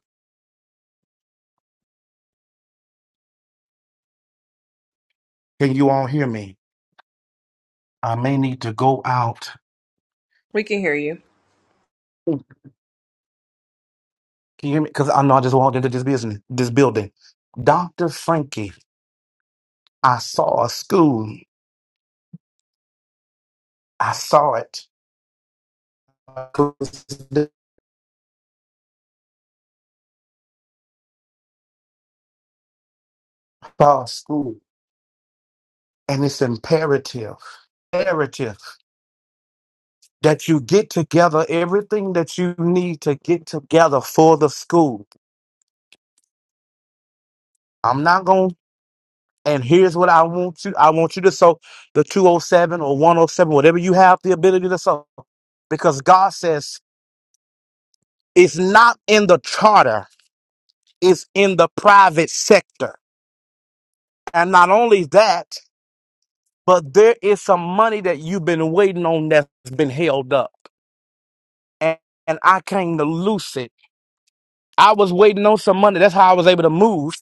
Can you all hear me? I may need to go out. We can hear you. Can you hear me? Because I know I just walked into this business, this building. Dr. Frankie, I saw a school. I saw it. I saw a school. And it's imperative, imperative that you get together everything that you need to get together for the school. I'm not going to, and here's what I want you I want you to sow the 207 or 107, whatever you have the ability to sow. Because God says it's not in the charter. is in the private sector. And not only that, but there is some money that you've been waiting on that's been held up. And, and I came to loose it. I was waiting on some money. That's how I was able to move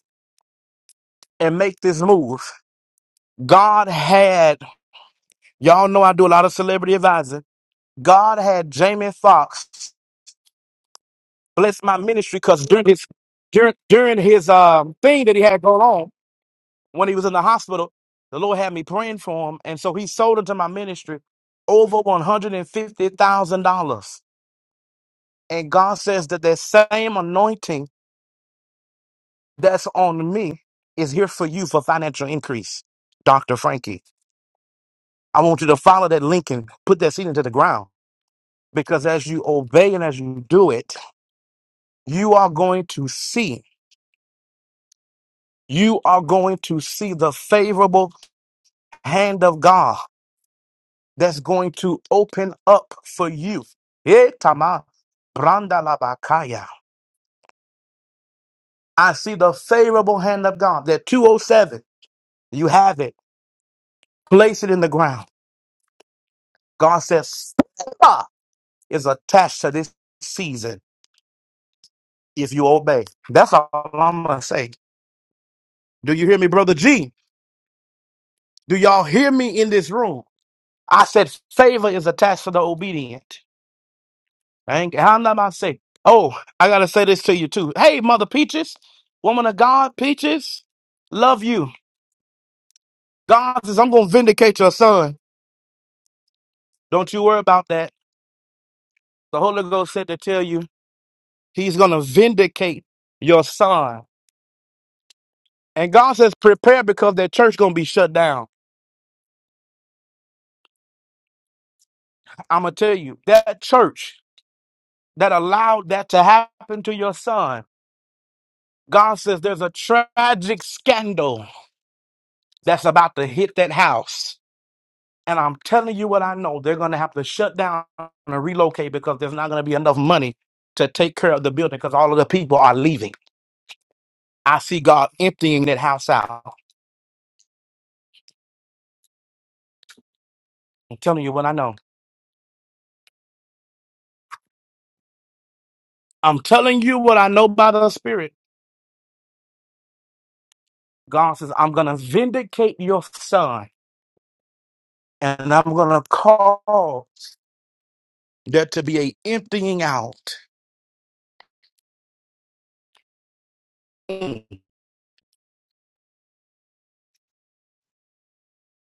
and make this move. God had, y'all know I do a lot of celebrity advising. God had Jamie Foxx bless my ministry because during his during, during his um, thing that he had going on, when he was in the hospital, the Lord had me praying for him. And so he sold into my ministry over $150,000. And God says that that same anointing that's on me is here for you for financial increase, Dr. Frankie. I want you to follow that link and put that seed into the ground because as you obey and as you do it, you are going to see. You are going to see the favorable hand of God. that's going to open up for you. Eh, Tama, Branda Labakaya. I see the favorable hand of God. That 207, you have it. Place it in the ground. God says, "Favor is attached to this season if you obey. That's all I'm going to say. Do you hear me, Brother G? Do y'all hear me in this room? I said, favor is attached to the obedient. I ain't, I'm not about to say. Oh, I gotta say this to you too. Hey, mother peaches, woman of God, peaches, love you. God says I'm gonna vindicate your son. Don't you worry about that. The Holy Ghost said to tell you He's gonna vindicate your son. And God says prepare because that church gonna be shut down. I'm gonna tell you that church that allowed that to happen to your son. God says there's a tragic scandal that's about to hit that house. And I'm telling you what I know, they're going to have to shut down and relocate because there's not going to be enough money to take care of the building because all of the people are leaving. I see God emptying that house out. I'm telling you what I know. I'm telling you what I know by the Spirit. God says, I'm going to vindicate your son and I'm going to call there to be a emptying out. Mm,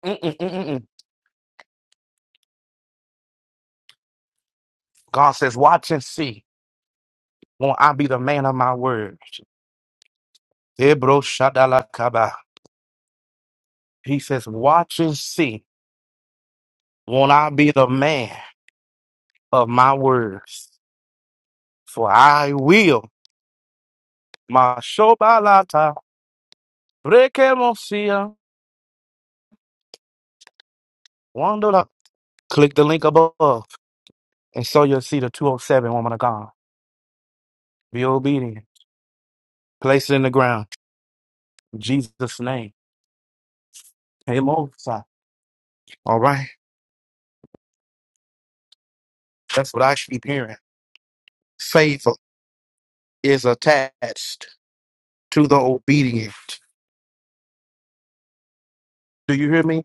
mm, mm, mm, mm, mm. God says, watch and see. Won't I be the man of my word? Ebro shadalakaba. He says, watch and see. Won't I be the man of my words? For I will. My shobalata. Rekemosia. Wandola. Click the link above and so you'll see the 207 woman of God. Be obedient. Place it in the ground. In Jesus' name. Amen. All right. That's what I keep hearing. Favor is attached to the obedient. Do you hear me?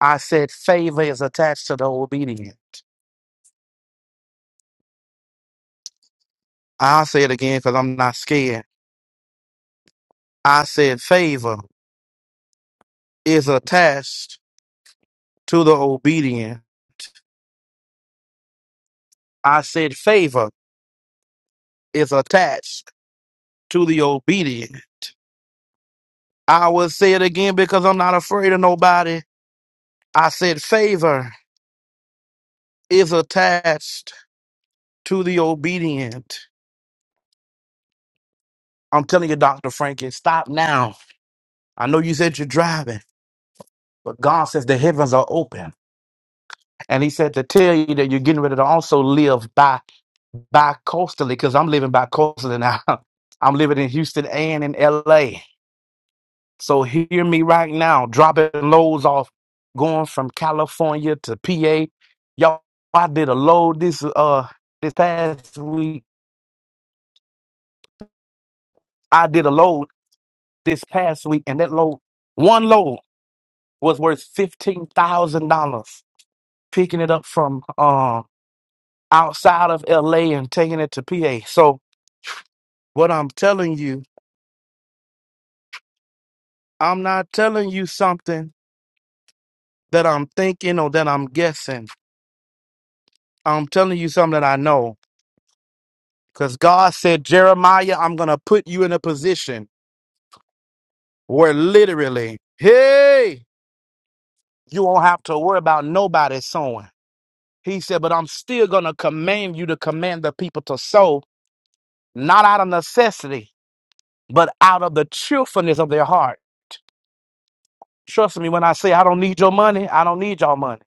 I said favor is attached to the obedient. I'll say it again because I'm not scared. I said favor is attached to the obedient. I said favor is attached to the obedient. I will say it again because I'm not afraid of nobody. I said favor is attached to the obedient. I'm telling you, Dr. Frankie, stop now. I know you said you're driving, but God says the heavens are open. And he said to tell you that you're getting ready to also live by by coastally, because I'm living by coastally now. I'm living in Houston and in LA. So hear me right now, dropping loads off, going from California to PA. Y'all, I did a load this uh this past week. I did a load this past week, and that load, one load was worth fifteen thousand dollars. Picking it up from um outside of LA and taking it to PA. So what I'm telling you. I'm not telling you something that I'm thinking or that I'm guessing. I'm telling you something that I know. Because God said, Jeremiah, I'm going to put you in a position where literally, hey, you won't have to worry about nobody sowing. He said, but I'm still going to command you to command the people to sow, not out of necessity, but out of the cheerfulness of their heart. Trust me when I say, I don't need your money. I don't need your money.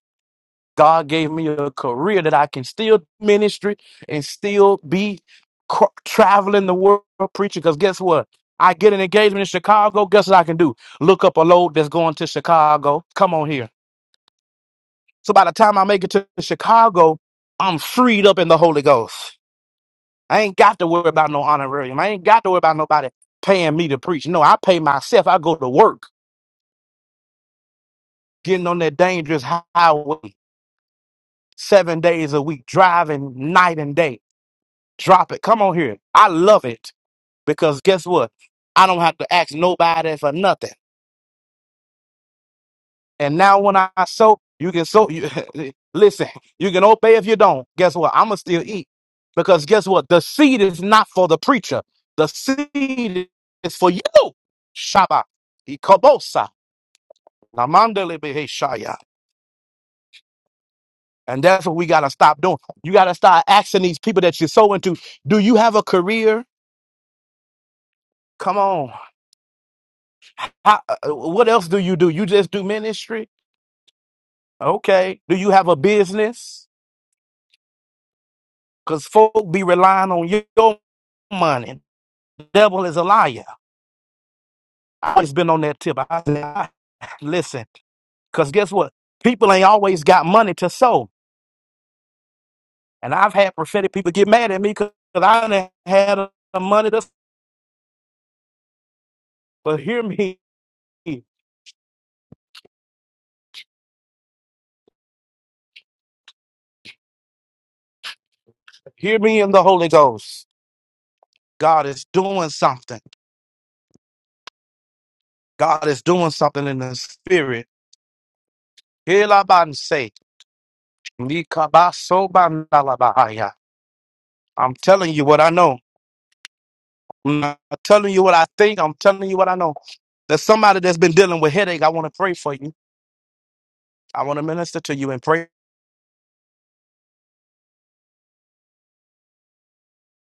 God gave me a career that I can still do ministry and still be cr- traveling the world preaching. Because guess what? I get an engagement in Chicago. Guess what I can do? Look up a load that's going to Chicago. Come on here. So by the time I make it to Chicago, I'm freed up in the Holy Ghost. I ain't got to worry about no honorarium. I ain't got to worry about nobody paying me to preach. No, I pay myself. I go to work, getting on that dangerous highway seven days a week, driving night and day Drop it. Come on here. I love it because guess what? I don't have to ask nobody for nothing. And now when I sow, you can sow. You, listen, you can obey if you don't. Guess what? I'm going to still eat because guess what? The seed is not for the preacher. The seed is for you. Shabbat. Ikobosa. Namandele beheshaya. And that's what we got to stop doing. You got to start asking these people that you sow into, do you have a career? Come on. How, uh, uh, what else do you do? You just do ministry? Okay. Do you have a business? Because folk be relying on your money. The devil is a liar. I always been on that tip. I said, "Ah, listen, because guess what? People ain't always got money to sow. And I've had prophetic people get mad at me because I done had the money to sow. But hear me. Hear me in the Holy Ghost. God is doing something. God is doing something in the spirit. Hear what I'm about to say. Nikabasobanalabahaya. I'm telling you what I know. I'm not telling you what I think. I'm telling you what I know. There's somebody that's been dealing with headache. I want to pray for you. I want to minister to you and pray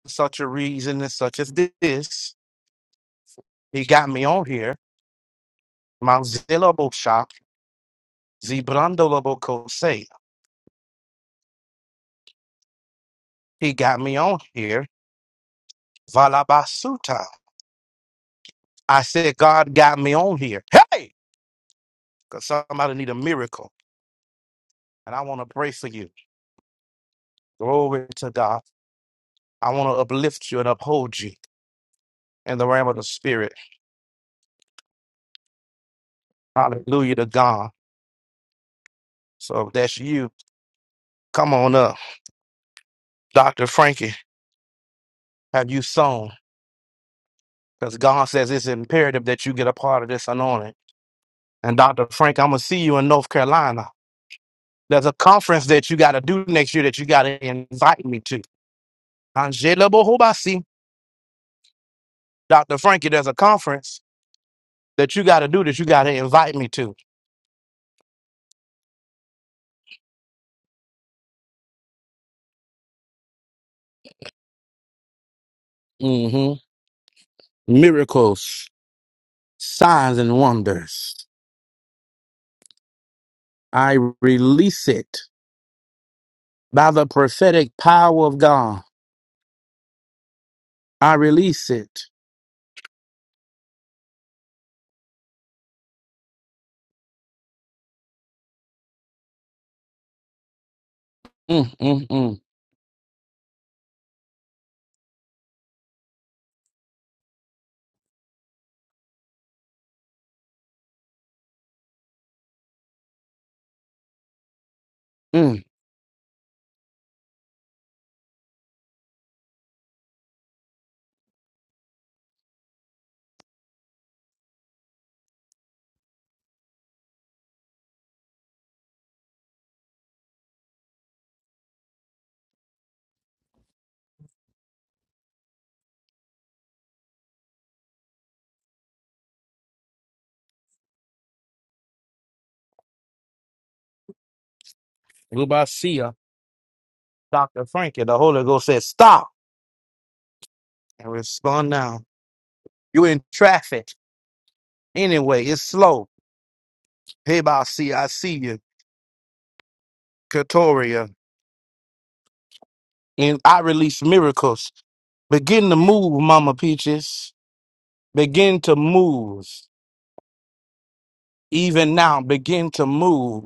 for such a reason and such as this. He got me on here. Manzilabosha, Zibrandolabokose. He got me on here. Valabasuta. I said, God got me on here. Hey! Because somebody need a miracle. And I want to pray for you. Glory to God. I want to uplift you and uphold you in the realm of the spirit. Hallelujah to God. So if that's you, come on up. Dr. Frankie, have you sown? Because God says it's imperative that you get a part of this anointing. And Dr. Frank, I'm going to see you in North Carolina. There's a conference that you got to do next year that you got to invite me to. Angela Bohobasi, Dr. Frankie, there's a conference that you got to do that you got to invite me to. hmm Miracles, signs, and wonders. I release it By the prophetic power of God, I release it. Mm, mm, mm, mm. Lubasia, Dr. Frankie, the Holy Ghost said, stop and respond now. you in traffic. Anyway, it's slow. Hey, Basia, I see you. Katoria. And I release miracles. Begin to move, Mama Peaches. Begin to move. even now begin to move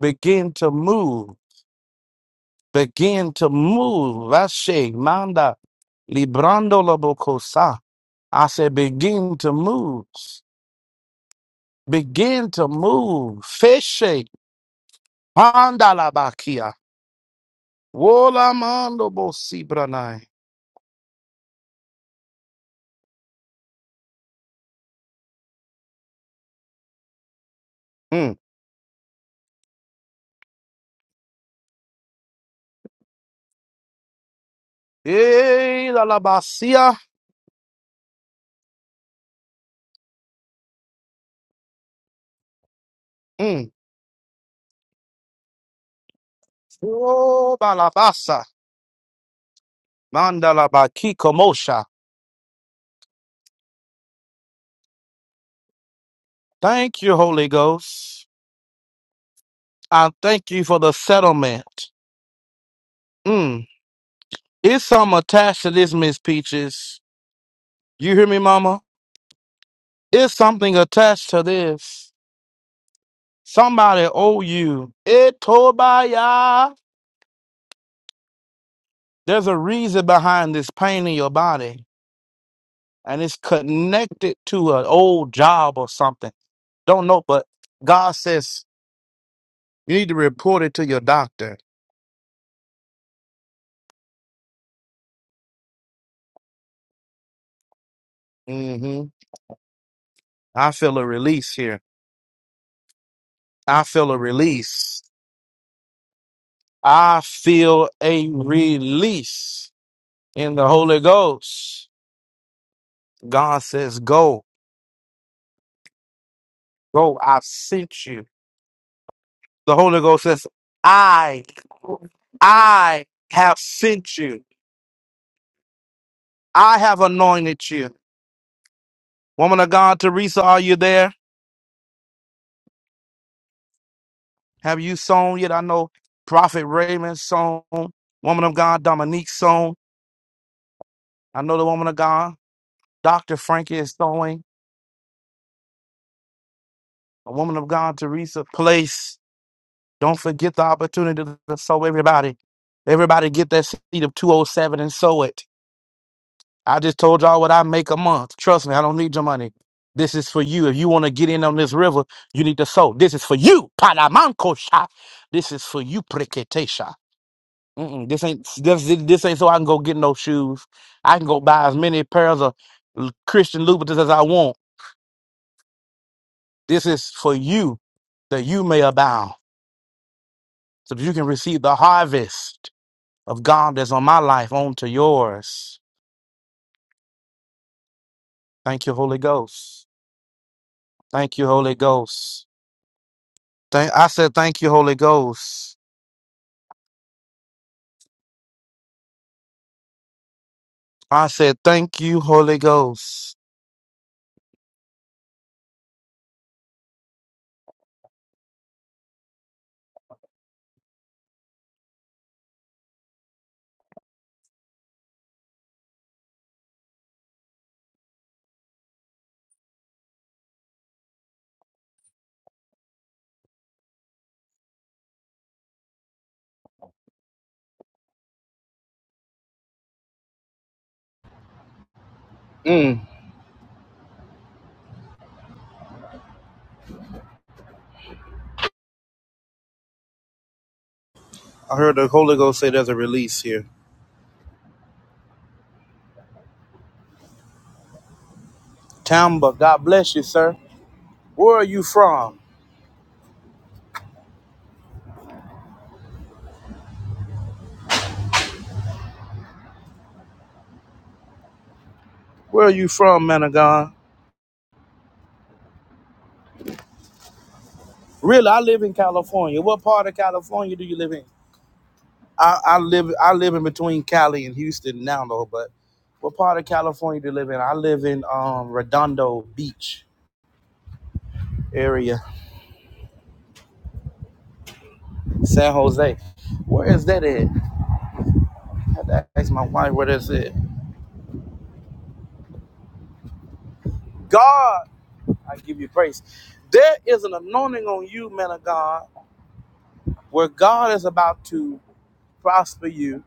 begin to move begin to move Ashe, manda librando lobokosa i said begin to move begin to move fishe panda labakia wola mando bosibranai Mm. Eh, la labasia Mm. oh balabasa manda labaki komosha thank you holy ghost i thank you for the settlement Mm. It's something attached to this, Miss Peaches. You hear me, Mama? It's something attached to this. Somebody owe you. It Tobiah. There's a reason behind this pain in your body, and it's connected to an old job or something. Don't know, but God says you need to report it to your doctor. hmm I feel a release here. I feel a release. I feel a release in the Holy Ghost. God says, Go, go, I sent you. The Holy Ghost says, I, I have sent you. I have anointed you. Woman of God, Teresa, are you there? Have you sown yet? I know Prophet Raymond sown. Woman of God, Dominique sown. I know the woman of God, Dr. Frankie is sowing. A woman of God, Teresa, place. Don't forget the opportunity to sow everybody. Everybody get that seed of 207 and sow it. I just told y'all what I make a month. Trust me, I don't need your money. This is for you. If you want to get in on this river, you need to sow. This is for you. Panamancocha. This is for you, Preketesha. Mm-mm, this ain't this, this ain't so I can go get no shoes. I can go buy as many pairs of Christian Louboutins as I want. This is for you that you may abound, so that you can receive the harvest. of God that's on my life onto yours. Thank you, Holy Ghost. Thank you, Holy Ghost. Thank, I said, Thank you, Holy Ghost. I said, Thank you, Holy Ghost. Mm, I heard the Holy Ghost say there's a release here. Tamba, God bless you, sir. Where are you from? Where are you from, man of God? Really, I live in California. What part of California do you live in? I, I live I live in between Cali and Houston now though, but what part of California do you live in? I live in um, Redondo Beach. area, San Jose. Where is that at? I had to ask my wife where that's at. God, I give you praise. There is an anointing on you, man of God, where God is about to prosper you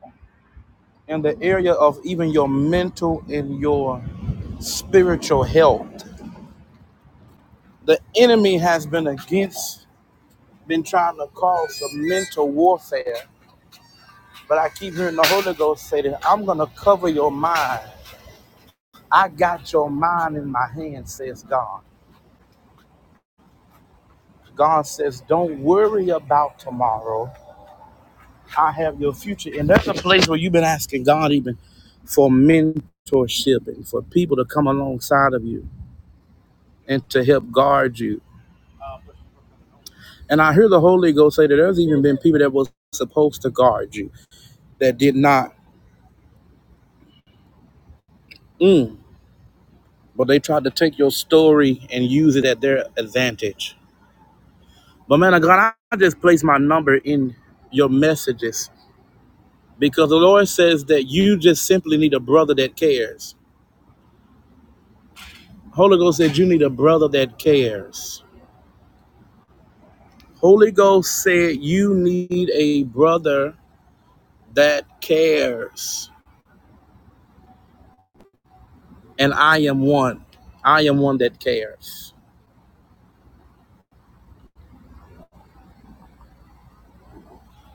in the area of even your mental and your spiritual health. The enemy has been against, been trying to cause some mental warfare, but I keep hearing the Holy Ghost say that I'm going to cover your mind. I got your mind in my hand, says God. God says, Don't worry about tomorrow. I have your future. And that's a place where you've been asking God even for mentorship and for people to come alongside of you and to help guard you. And I hear the Holy Ghost say that there's even been people that was supposed to guard you that did not. Mm, but they tried to take your story and use it at their advantage. But man of God, I just place my number in your messages because the Lord says that you just simply need a brother that cares Holy Ghost said you need a brother that cares. Holy Ghost said you need a brother that cares. And I am one. I am one that cares.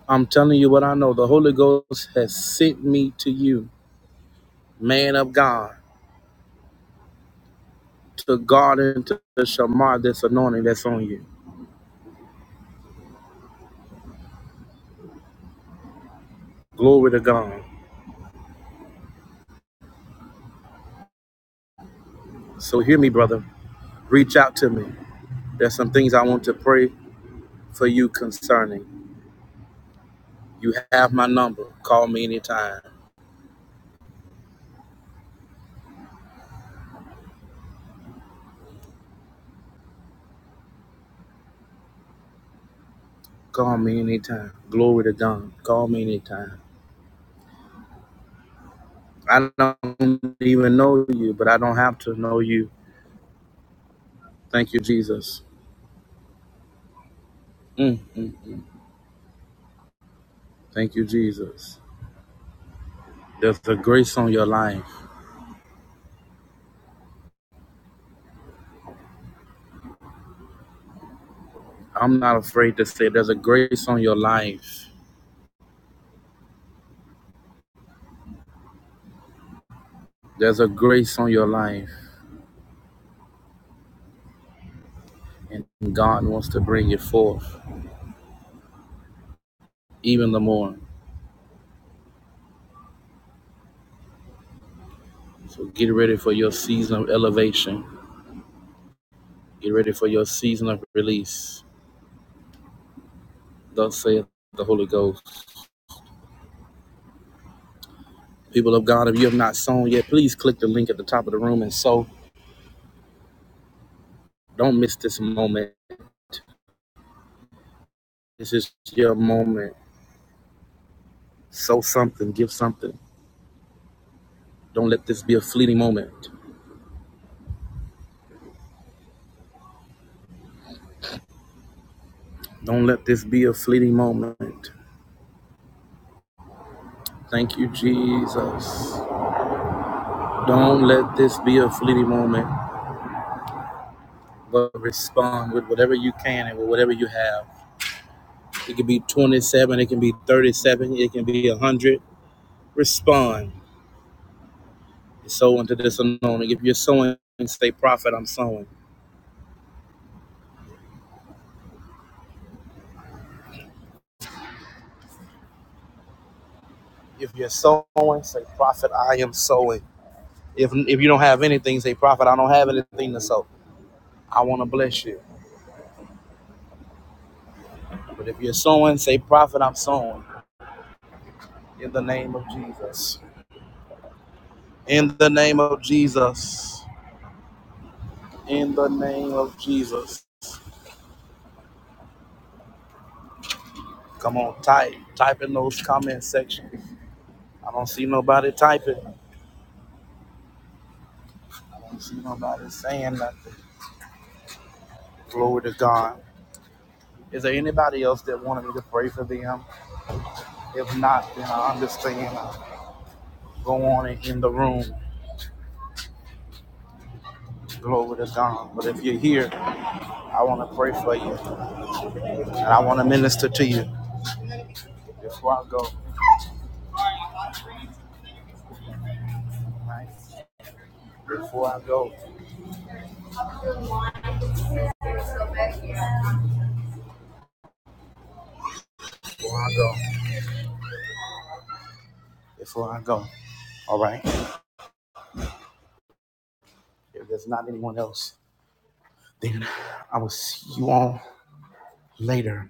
I'm telling you what I know. The Holy Ghost has sent me to you, man of God, to God and to the Shamar, this anointing that's on you. Glory to God. So hear me, brother. Reach out to me. There's some things I want to pray for you concerning. You have my number. Call me anytime. Call me anytime. Glory to God. Call me anytime. I don't even know you, but I don't have to know you. Thank you, Jesus. Mm. Thank you, Jesus. There's a grace on your life. I'm not afraid to say there's a grace on your life. There's a grace on your life. And God wants to bring you forth even the more. So get ready for your season of elevation. Get ready for your season of release. Thus saith the Holy Ghost. People of God, if you have not sown yet, please click the link at the top of the room and sow. Don't miss this moment. This is your moment. Sow something, give something. Don't let this be a fleeting moment. Don't let this be a fleeting moment. Thank you, Jesus. Don't let this be a fleeting moment, but respond with whatever you can and with whatever you have. It can be 27, it can be 37, it can be 100. Respond. Sow into this unknown. If you're sowing, say, Prophet, I'm sowing. Come on, type. Type in those comment section. I don't say type it. I don't see nobody saying nothing. Glory. Is there anybody else that wanted me to pray for them? If not, then I understand. I'll Go on and in the room. It's gone. But if here, I want to pray for you. And I want to minister to you. Before I go, before I go, before I go. All right. If there's not anyone else, see you all. here.